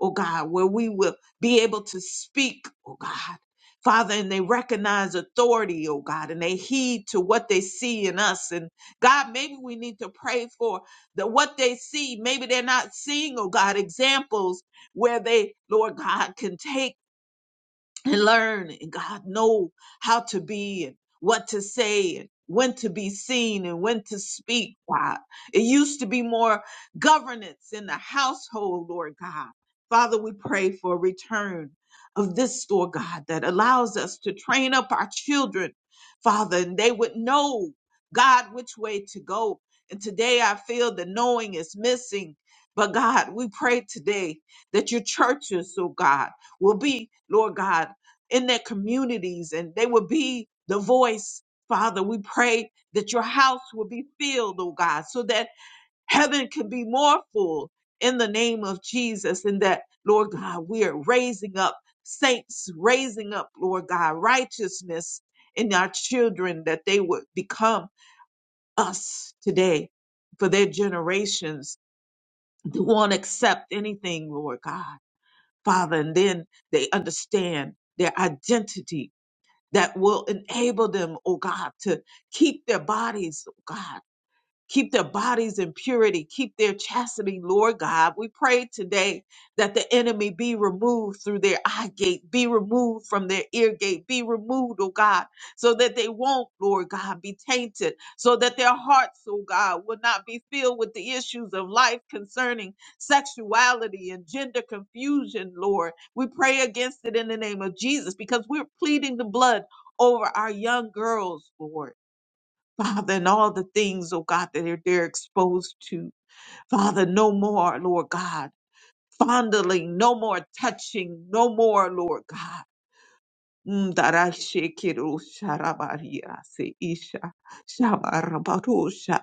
Speaker 1: oh God, where we will be able to speak, oh God. Father, and they recognize authority, oh God, and they heed to what they see in us. And God, maybe we need to pray for the what they see. Maybe they're not seeing, oh God, examples where they, Lord God, can take and learn and God know how to be and what to say and when to be seen and when to speak, God. It used to be more governance in the household, Lord God. Father, we pray for a return of this, Lord God, that allows us to train up our children, Father, and they would know, God, which way to go. And today I feel the knowing is missing. But God, we pray today that your churches, oh God, will be, Lord God, in their communities and they will be the voice. Father, we pray that your house will be filled, oh God, so that heaven can be more full in the name of Jesus. And that, Lord God, we are raising up saints, raising up, Lord God, righteousness in our children that they would become us today for their generations who won't accept anything, Lord God. Father, and then they understand their identity that will enable them, oh God, to keep their bodies, oh God. Keep their bodies in purity. Keep their chastity, Lord God. We pray today that the enemy be removed through their eye gate, be removed from their ear gate, be removed, oh God, so that they won't, Lord God, be tainted, so that their hearts, oh God, will not be filled with the issues of life concerning sexuality and gender confusion, Lord. We pray against it in the name of Jesus because we're pleading the blood over our young girls, Lord. Father, and all the things, oh God, that they're, they're exposed to. Father, no more, Lord God, fondling, no more touching, no more, Lord God. Mm, darashekiru sharabaria se isha shabarabadosha.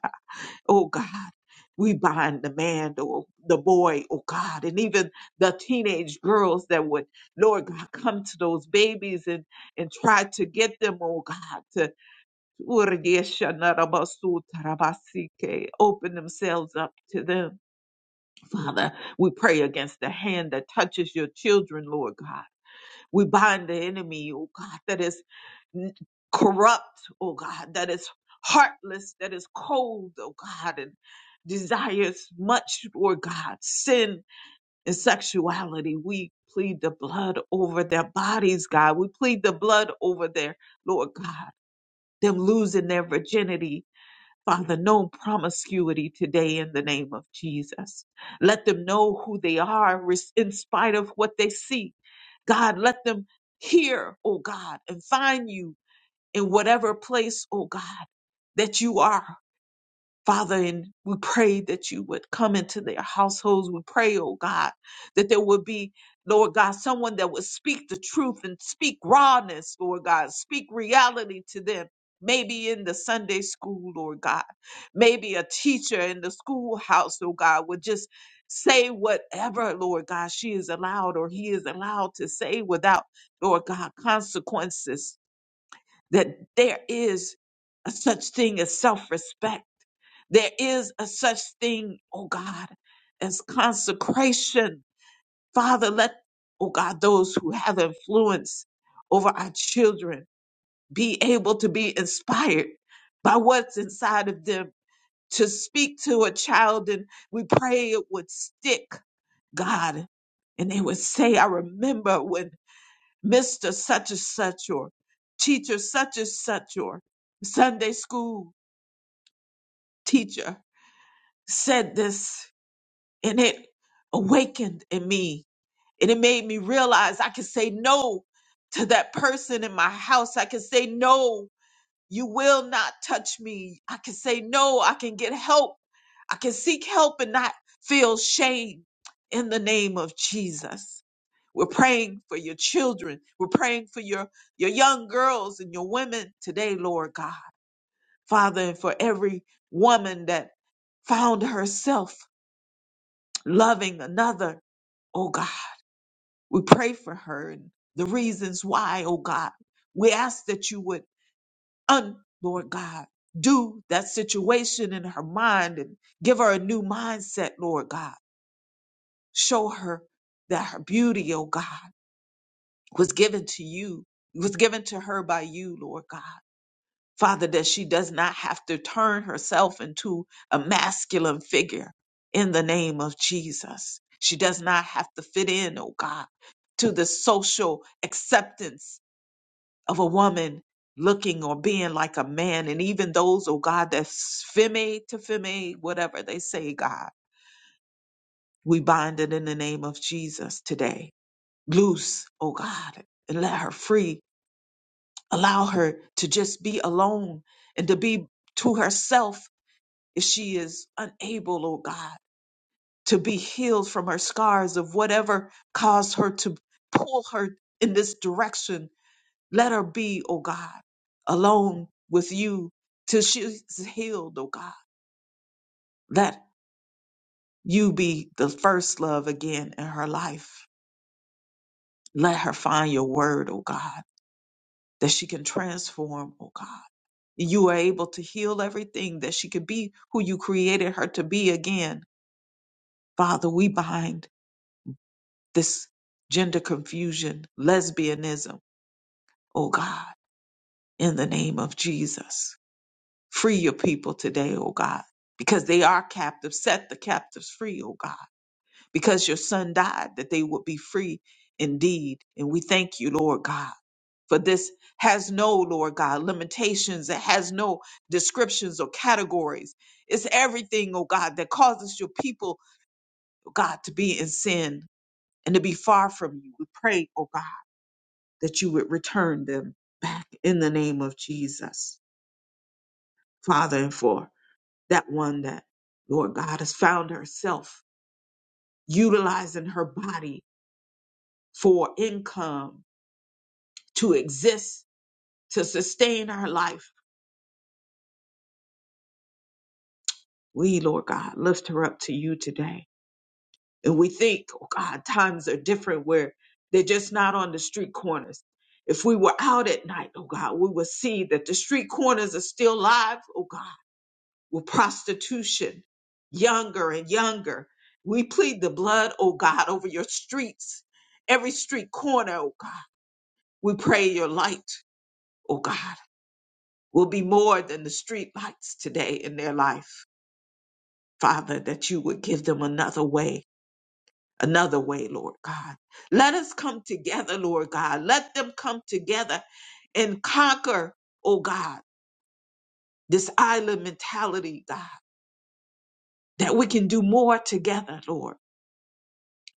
Speaker 1: Oh God, we bind the man, the, the boy, oh God, and even the teenage girls that would, Lord God, come to those babies and, and try to get them, oh God, to. Open themselves up to them. Father, we pray against the hand that touches your children, Lord God. We bind the enemy, oh God, that is corrupt, oh God, that is heartless, that is cold, oh God, and desires much, Lord God, sin and sexuality. We plead the blood over their bodies, God. We plead the blood over their, Lord God, them losing their virginity, Father, no promiscuity today in the name of Jesus. Let them know who they are res- in spite of what they see. God, let them hear, oh God, and find you in whatever place, oh God, that you are. Father, and we pray that you would come into their households. We pray, oh God, that there would be, Lord God, someone that would speak the truth and speak rawness, Lord God, speak reality to them. Maybe in the Sunday school, Lord God. Maybe a teacher in the schoolhouse, oh God, would just say whatever, Lord God, she is allowed or he is allowed to say without, Lord God, consequences. That there is a such thing as self respect there is a such thing, oh God, as consecration. Father, let, oh God, those who have influence over our children be able to be inspired by what's inside of them to speak to a child. And we pray it would stick, God. And they would say, I remember when Mr. such and such or teacher such and such or Sunday school teacher said this and it awakened in me and it made me realize i can say no to that person in my house i can say no you will not touch me i can say no i can get help i can seek help and not feel shame in the name of jesus we're praying for your children we're praying for your your young girls and your women today lord god father and for every woman that found herself loving another Oh God. We pray for her and the reasons why, oh God. We ask that you would, un, Lord God, do that situation in her mind and give her a new mindset, Lord God. Show her that her beauty, oh God, was given to you, was given to her by you, Lord God. Father, that she does not have to turn herself into a masculine figure in the name of Jesus. She does not have to fit in, oh God, to the social acceptance of a woman looking or being like a man. And even those, oh God, that's femme to femme, whatever they say, God, we bind it in the name of Jesus today. Loose, oh God, and let her free. Allow her to just be alone and to be to herself if she is unable, oh God, to be healed from her scars of whatever caused her to pull her in this direction Let her be, oh God, alone with you till she's healed, oh God. Let you be the first love again in her life. Let her find your word, oh God, that she can transform, oh God. You are able to heal everything, that she could be who you created her to be again. Father, we bind this gender confusion, lesbianism, oh God, in the name of Jesus. Free your people today, O God, because they are captive. Set the captives free, O God, because your son died that they would be free indeed. And we thank you, Lord God, for this has no, Lord God, limitations. It has no descriptions or categories. It's everything, O God, that causes your people, oh God, to be in sin and to be far from you. We pray, O God, that you would return them back in the name of Jesus. Father, and for that one that, Lord God, has found herself utilizing her body for income to exist, to sustain our life. We, Lord God, lift her up to you today. And we think, oh God, times are different where they're just not on the street corners. If we were out at night, oh God, we would see that the street corners are still live, oh God with prostitution younger and younger. We plead the blood, oh God, over your streets, every street corner, oh God. We pray your light, oh God, will be more than the street lights today in their life. Father, that you would give them another way, another way, Lord God. Let us come together, Lord God. Let them come together and conquer, oh God, this island mentality, God, that we can do more together, Lord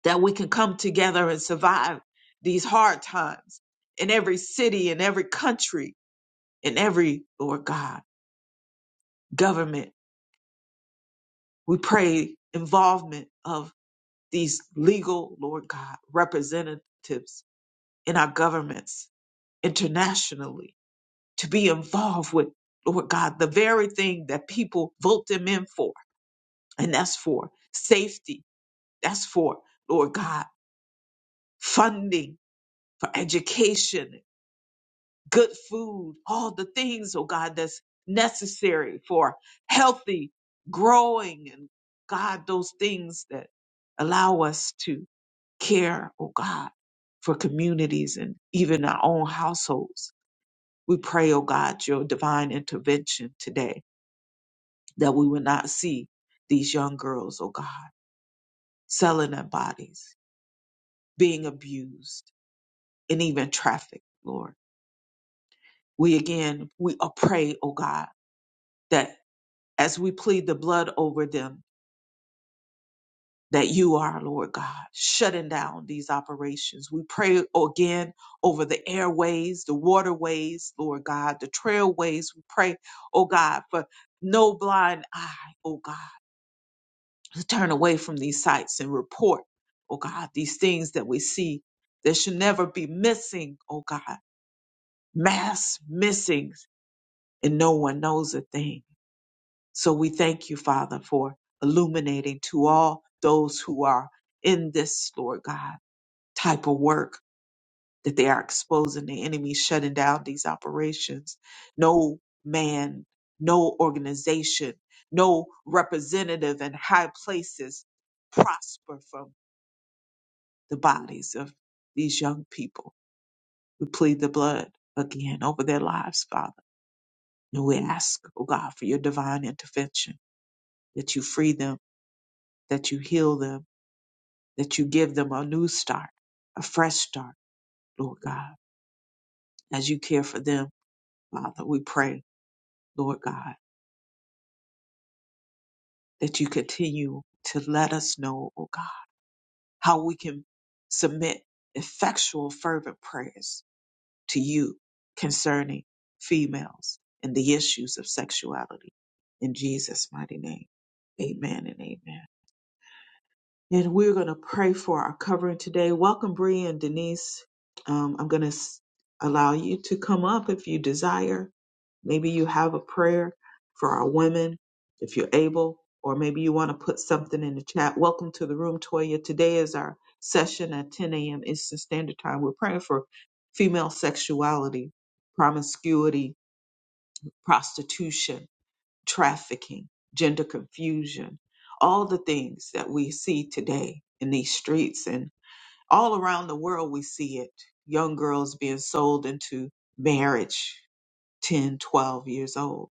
Speaker 1: that we can come together and survive these hard times in every city, in every country, in every, Lord God, government. We pray involvement of these legal, Lord God, representatives in our governments internationally to be involved with, Lord God, the very thing that people vote them in for. And that's for safety. That's for, Lord God, funding for education good food, all the things, oh God, that's necessary for healthy growing and God, those things that allow us to care, oh God, for communities and even our own households. We pray, oh God, your divine intervention today that we will not see these young girls, oh God, selling their bodies, being abused, and even trafficked, Lord. We again, we pray, oh God, that as we plead the blood over them that you are, Lord God, shutting down these operations. We pray again over the airways, the waterways, Lord God, the trailways. We pray, oh God, for no blind eye, oh God, to turn away from these sites and report, oh God, these things that we see that should never be missing, oh God, mass missings, and no one knows a thing. So we thank you, Father, for illuminating to all those who are in this, Lord God, type of work that they are exposing the enemy, shutting down these operations. No man, no organization, no representative in high places prosper from the bodies of these young people. We plead the blood again over their lives, Father. And we ask, oh God, for your divine intervention, that you free them, that you heal them that you give them a new start, a fresh start, Lord God. As you care for them, Father, we pray, Lord God, that you continue to let us know, oh God, how we can submit effectual, fervent prayers to you concerning females and the issues of sexuality. In Jesus' mighty name, amen and amen. And we're going to pray for our covering today. Welcome, Bree and Denise. Um, I'm going to s- allow you to come up if you desire. Maybe you have a prayer for our women, if you're able, or maybe you want to put something in the chat. Welcome to the room, Toya. Today is our session at 10 a.m. Eastern Standard Time. We're praying for female sexuality, promiscuity, prostitution trafficking, gender confusion, all the things that we see today in these streets and all around the world we see it. Young girls being sold into marriage 10, 12 years old.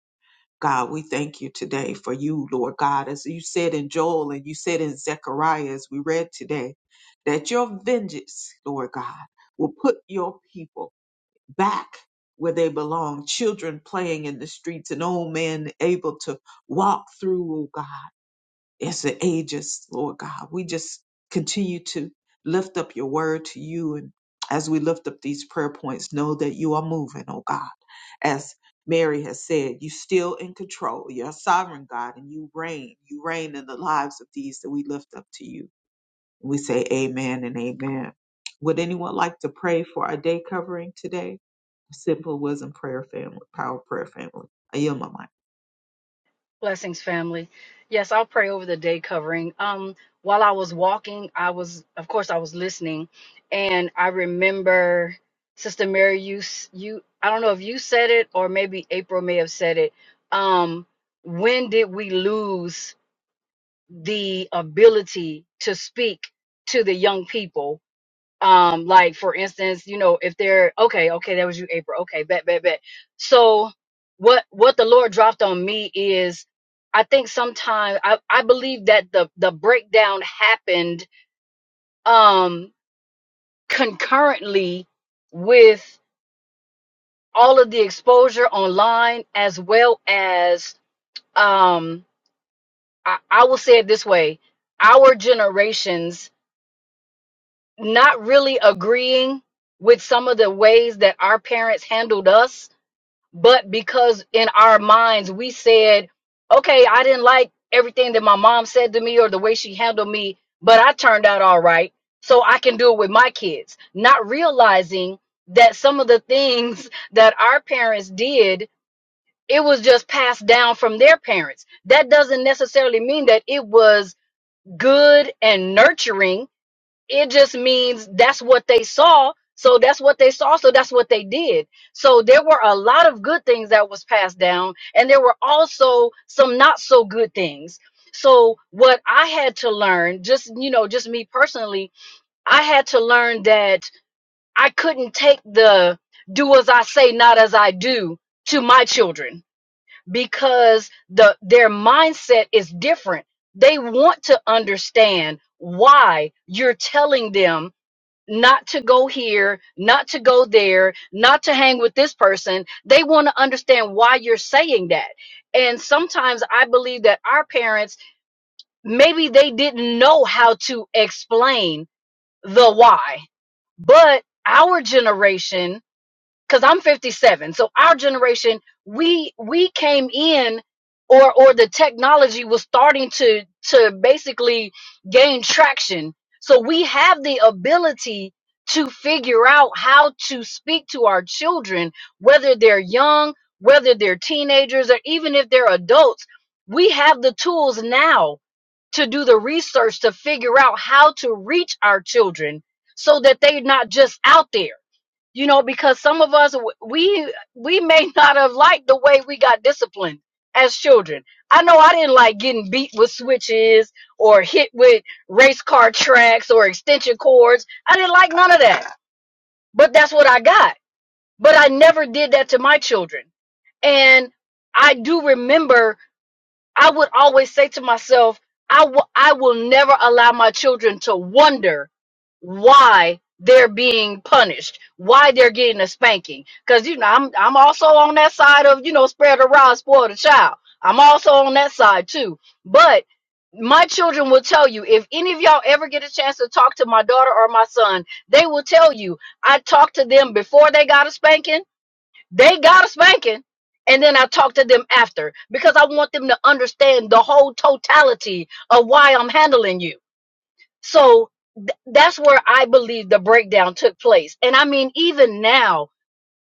Speaker 1: God, we thank you today for you, Lord God, as you said in Joel and you said in Zechariah as we read today, that your vengeance, Lord God, will put your people back where they belong, children playing in the streets, an old man able to walk through, oh God, as the ages, Lord God. We just continue to lift up your word to you. And as we lift up these prayer points, know that you are moving, oh God. As Mary has said, you still in control. You're a sovereign God and you reign. You reign in the lives of these that we lift up to you. And we say amen and amen. Would anyone like to pray for our day covering today? Simple Wisdom Prayer Family, Power Prayer Family. I yield my mic.
Speaker 4: Blessings, family. Yes, I'll pray over the day covering. Um, while I was walking, I was, of course, I was listening, and I remember Sister Mary. You, s- you, I don't know if you said it or maybe April may have said it. Um, when did we lose the ability to speak to the young people? um like for instance you know if they're okay okay that was you april okay bet bet bet so what what the lord dropped on me is i think sometimes i i believe that the the breakdown happened um concurrently with all of the exposure online as well as um i, I will say it this way our generations not really agreeing with some of the ways that our parents handled us but because in our minds we said, okay, I didn't like everything that my mom said to me or the way she handled me, but I turned out all right. So I can do it with my kids, not realizing that some of the things that our parents did, it was just passed down from their parents. That doesn't necessarily mean that it was good and nurturing it just means that's what they saw so that's what they saw so that's what they did so there were a lot of good things that was passed down and there were also some not so good things so what i had to learn just you know just me personally i had to learn that i couldn't take the do as i say not as i do to my children because the their mindset is different they want to understand why you're telling them not to go here, not to go there, not to hang with this person. They want to understand why you're saying that. And sometimes I believe that our parents, maybe they didn't know how to explain the why, but our generation because I'm 57. So our generation, we we came in or or the technology was starting to to basically gain traction. So we have the ability to figure out how to speak to our children, whether they're young, whether they're teenagers, or even if they're adults, we have the tools now to do the research to figure out how to reach our children so that they're not just out there you know because some of us we we may not have liked the way we got disciplined as children i know i didn't like getting beat with switches or hit with race car tracks or extension cords i didn't like none of that but that's what i got but i never did that to my children and i do remember I would always say to myself, I will I will never allow my children to wonder why they're being punished, why they're getting a spanking. Cause you know, I'm I'm also on that side of, you know, spread the rod, spoil the child. I'm also on that side too. But my children will tell you if any of y'all ever get a chance to talk to my daughter or my son, they will tell you I talked to them before they got a spanking they got a spanking. And then I talk to them after because I want them to understand the whole totality of why I'm handling you. So th- that's where I believe the breakdown took place. And I mean, even now,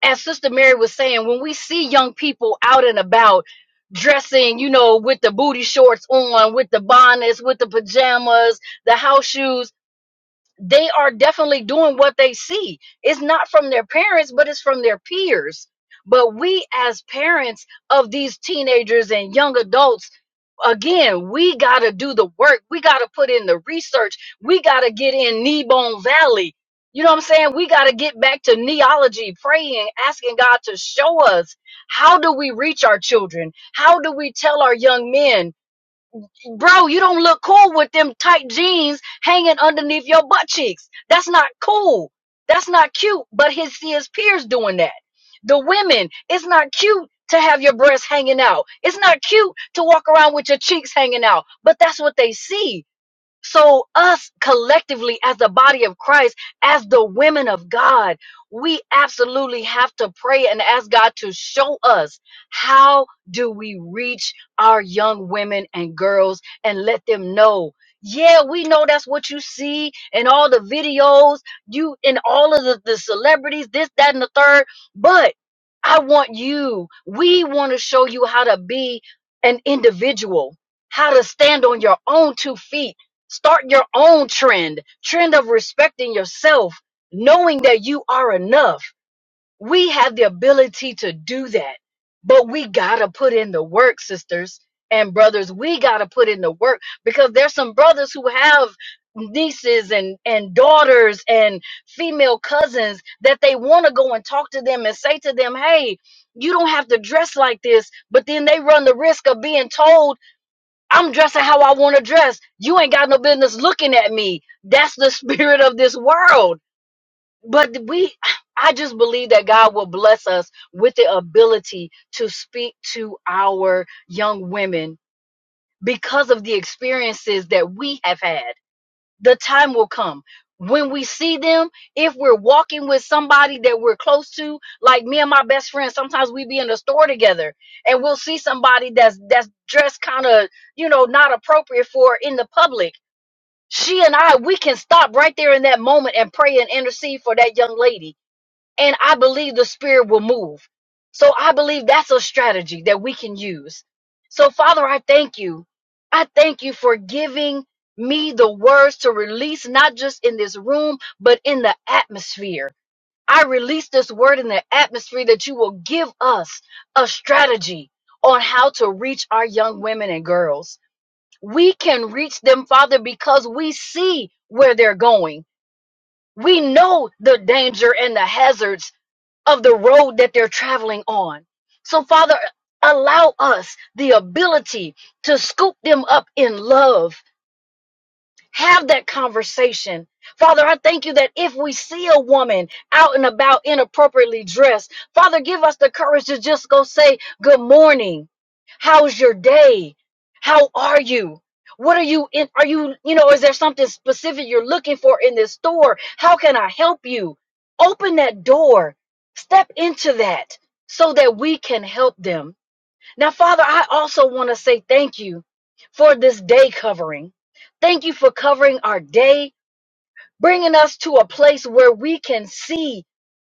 Speaker 4: as Sister Mary was saying, when we see young people out and about dressing, you know, with the booty shorts on, with the bonnets, with the pajamas, the house shoes, they are definitely doing what they see. It's not from their parents, but it's from their peers. But we, as parents of these teenagers and young adults, again, we got to do the work. We got to put in the research. We got to get in knee bone valley. You know what I'm saying? We got to get back to neology, praying, asking God to show us how do we reach our children? How do we tell our young men Bro, you don't look cool with them tight jeans hanging underneath your butt cheeks. That's not cool. That's not cute. But his see his peers doing that. The women, it's not cute to have your breasts hanging out. It's not cute to walk around with your cheeks hanging out. But that's what they see so, us collectively, as the body of Christ, as the women of God, we absolutely have to pray and ask God to show us how do we reach our young women and girls and let them know. Yeah, we know that's what you see in all the videos, you in all of the, the celebrities, this, that, and the third. But I want you, we want to show you how to be an individual, how to stand on your own two feet Start your own trend, trend of respecting yourself, knowing that you are enough. We have the ability to do that, but we gotta put in the work, sisters and brothers. We gotta put in the work because there's some brothers who have nieces and and daughters and female cousins that they want to go and talk to them and say to them hey you don't have to dress like this but then they run the risk of being told I'm dressing how I want to dress. You ain't got no business looking at me. That's the spirit of this world. But we, I just believe that God will bless us with the ability to speak to our young women because of the experiences that we have had the time will come when we see them if we're walking with somebody that we're close to like me and my best friend sometimes we be in the store together and we'll see somebody that's that's dressed kind of you know not appropriate for in the public she and i we can stop right there in that moment and pray and intercede for that young lady and I believe the Spirit will move. So I believe that's a strategy that we can use. So, Father, I thank you. I thank you for giving me the words to release, not just in this room, but in the atmosphere. I release this word in the atmosphere that you will give us a strategy on how to reach our young women and girls. We can reach them, Father, because we see where they're going. We know the danger and the hazards of the road that they're traveling on. So, Father, allow us the ability to scoop them up in love have that conversation. Father, I thank you that if we see a woman out and about inappropriately dressed, Father, give us the courage to just go say, Good morning. How's your day? How are you? What are you in? Are you, you know, is there something specific you're looking for in this store? How can I help you? Open that door, step into that so that we can help them. Now, Father, I also want to say thank you for this day covering. Thank you for covering our day, bringing us to a place where we can see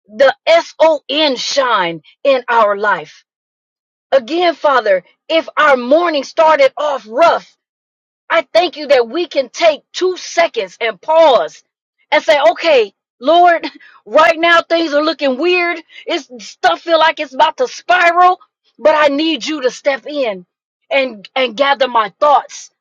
Speaker 4: the SON shine in our life. Again, Father, if our morning started off rough, I thank you that we can take two seconds and pause and say, okay, Lord, right now things are looking weird. It's stuff feel like it's about to spiral, but I need you to step in and, and gather my thoughts,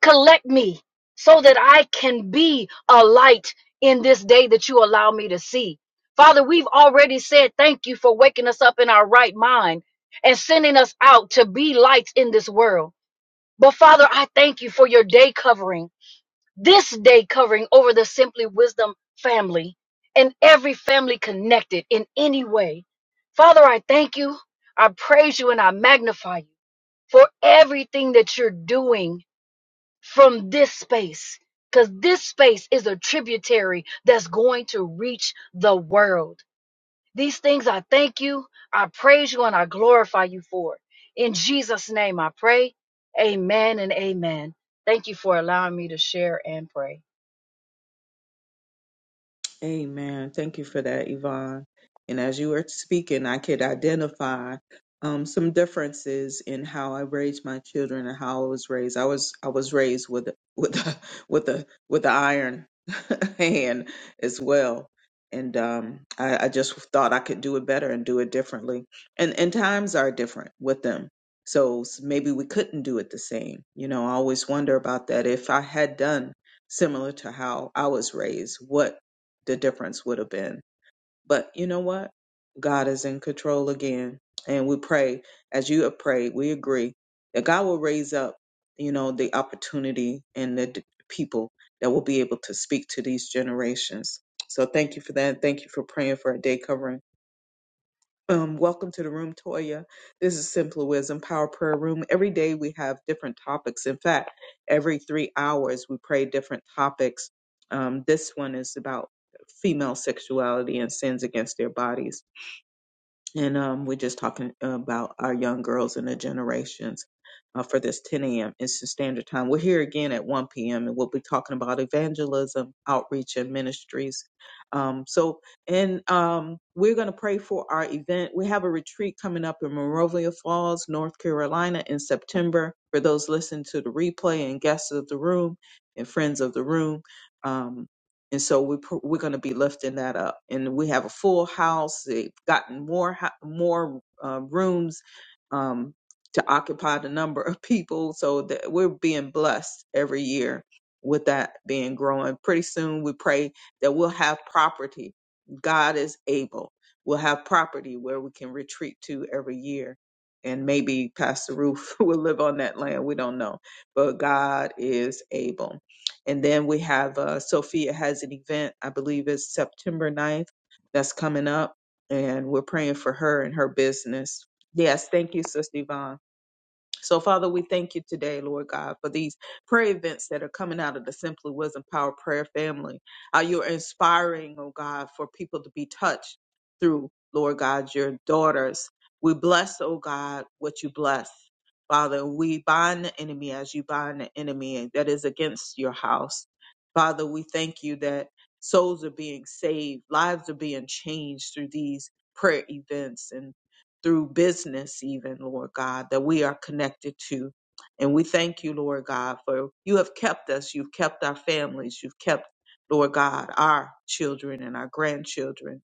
Speaker 4: collect me so that I can be a light in this day that you allow me to see. Father, we've already said thank you for waking us up in our right mind and sending us out to be lights in this world. But Father, I thank you for your day covering, this day covering over the Simply Wisdom family and every family connected in any way. Father, I thank you, I praise you, and I magnify you for everything that you're doing from this space, because this space is a tributary that's going to reach the world. These things I thank you, I praise you, and I glorify you for it. In Jesus' name I pray. Amen and amen. Thank you for allowing me to share and pray.
Speaker 1: Amen. Thank you for that, Yvonne. And as you were speaking, I could identify um, some differences in how I raised my children and how I was raised. I was I was raised with with a, with a with the iron hand as well, and um, I, I just thought I could do it better and do it differently. And and times are different with them, so s- maybe we couldn't do it the same. You know, I always wonder about that. If I had done similar to how I was raised, what the difference would have been. But you know what? God is in control again. And we pray, as you have prayed, we agree that God will raise up, you know, the opportunity and the d- people that will be able to speak to these generations. So thank you for that. Thank you for praying for our day covering. Um, welcome to the room, Toya. This is Simple Wisdom Power Prayer Room. Every day we have different topics. In fact, every three hours we pray different topics. Um, this one is about female sexuality and sins against their bodies and um, we're just talking about our young girls and the generations uh, for this 10 a.m. Eastern Standard Time. We're here again at 1 p.m. and we'll be talking about evangelism, outreach, and ministries. Um, so, and um, we're going to pray for our event. We have a retreat coming up in Monrovia Falls, North Carolina, in September. For those listening to the replay and guests of the room and friends of the room. um, and so we pr- we're going to be lifting that up and we have a full house they've gotten more ho- more uh, rooms um, to occupy the number of people so that we're being blessed every year with that being growing pretty soon we pray that we'll have property god is able we'll have property where we can retreat to every year and maybe pastor roof will live on that land we don't know but god is able and then we have uh, Sophia has an event, I believe it's September ninth that's coming up. And we're praying for her and her business. Yes, thank you, Sister Yvonne. So, Father, we thank you today, Lord God, for these prayer events that are coming out of the Simply Wisdom Power Prayer family. How you're inspiring, oh God, for people to be touched through, Lord God, your daughters. We bless, oh God, what you bless. Father, we bind the enemy as you bind the enemy that is against your house. Father, we thank you that souls are being saved, lives are being changed through these prayer events. and through business, even, Lord God, that we are connected to. And we thank you, Lord God, for you have kept us. You've kept our families. You've kept, Lord God, our children and our grandchildren.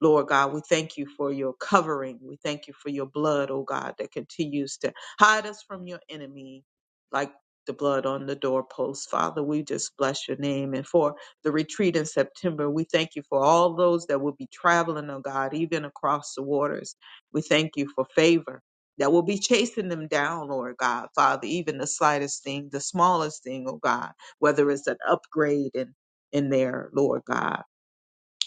Speaker 1: Lord God, we thank you for your covering. We thank you for your blood, oh God, that continues to hide us from your enemy like the blood on the doorpost. Father, we just bless your name. And for the retreat in September, we thank you for all those that will be traveling, oh God, even across the waters. We thank you for favor that will be chasing them down, Lord God, Father, even the slightest thing, the smallest thing, oh God, whether it's an upgrade in, in there, Lord God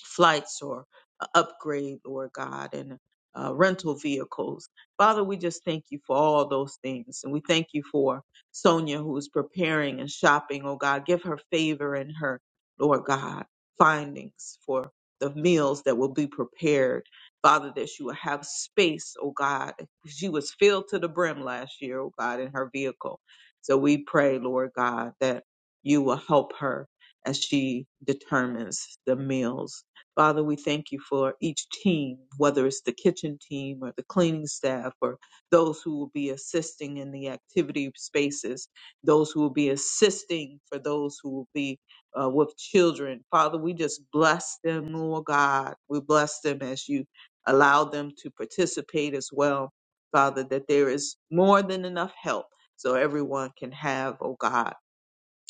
Speaker 1: flights or a upgrade, Lord God, and uh, rental vehicles. Father, we just thank you for all those things. And we thank you for Sonia who's preparing and shopping, oh God. Give her favor and her, Lord God, findings for the meals that will be prepared. Father, that she will have space, oh God. She was filled to the brim last year, oh God, in her vehicle. So we pray, Lord God, that you will help her as she determines the meals Father, we thank you for each team, whether it's the kitchen team or the cleaning staff or those who will be assisting in the activity spaces, those who will be assisting for those who will be uh, with children. Father, we just bless them, Lord God. We bless them as you allow them to participate as well, Father, that there is more than enough help so everyone can have, oh God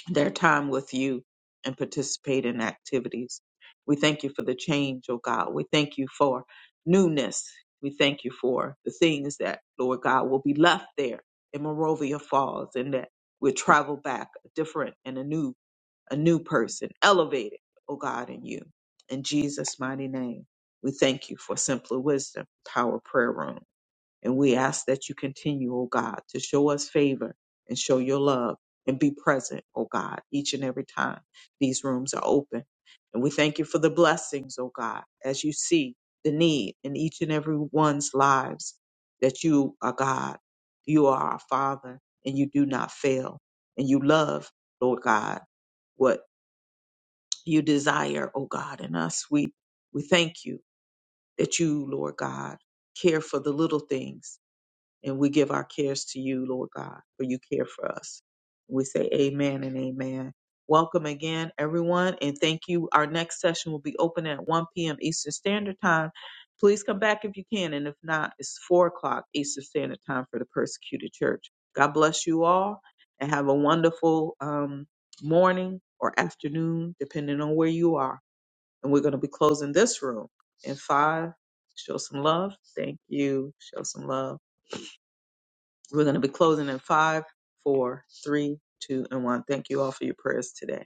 Speaker 1: their time with you and participate in activities. We thank you for the change, oh God. We thank you for newness. We thank you for the things that, Lord God, will be left there in Morovia Falls and that we'll travel back a different and a new, a new person, elevated, oh God, in you. In Jesus' mighty name, we thank you for Simply Wisdom Power Prayer Room. And we ask that you continue, oh God, to show us favor and show your love and be present, oh God, each and every time these rooms are open. And we thank you for the blessings, oh God, as you see the need in each and every one's lives that you are God, you are our Father, and you do not fail. And you love, Lord God, what you desire, oh God, in us. We we thank you that you, Lord God, care for the little things and we give our cares to you, Lord God, for you care for us. We say amen and amen. Welcome again, everyone, and thank you. Our next session will be open at 1 p.m. Eastern Standard Time. Please come back if you can, and if not, it's 4 o'clock Eastern Standard Time for the persecuted church. God bless you all, and have a wonderful um, morning or afternoon, depending on where you are. And we're going to be closing this room in five. Show some love. Thank you. Show some love. We're going to be closing in five, four, three, two, and one. Thank you all for your prayers today.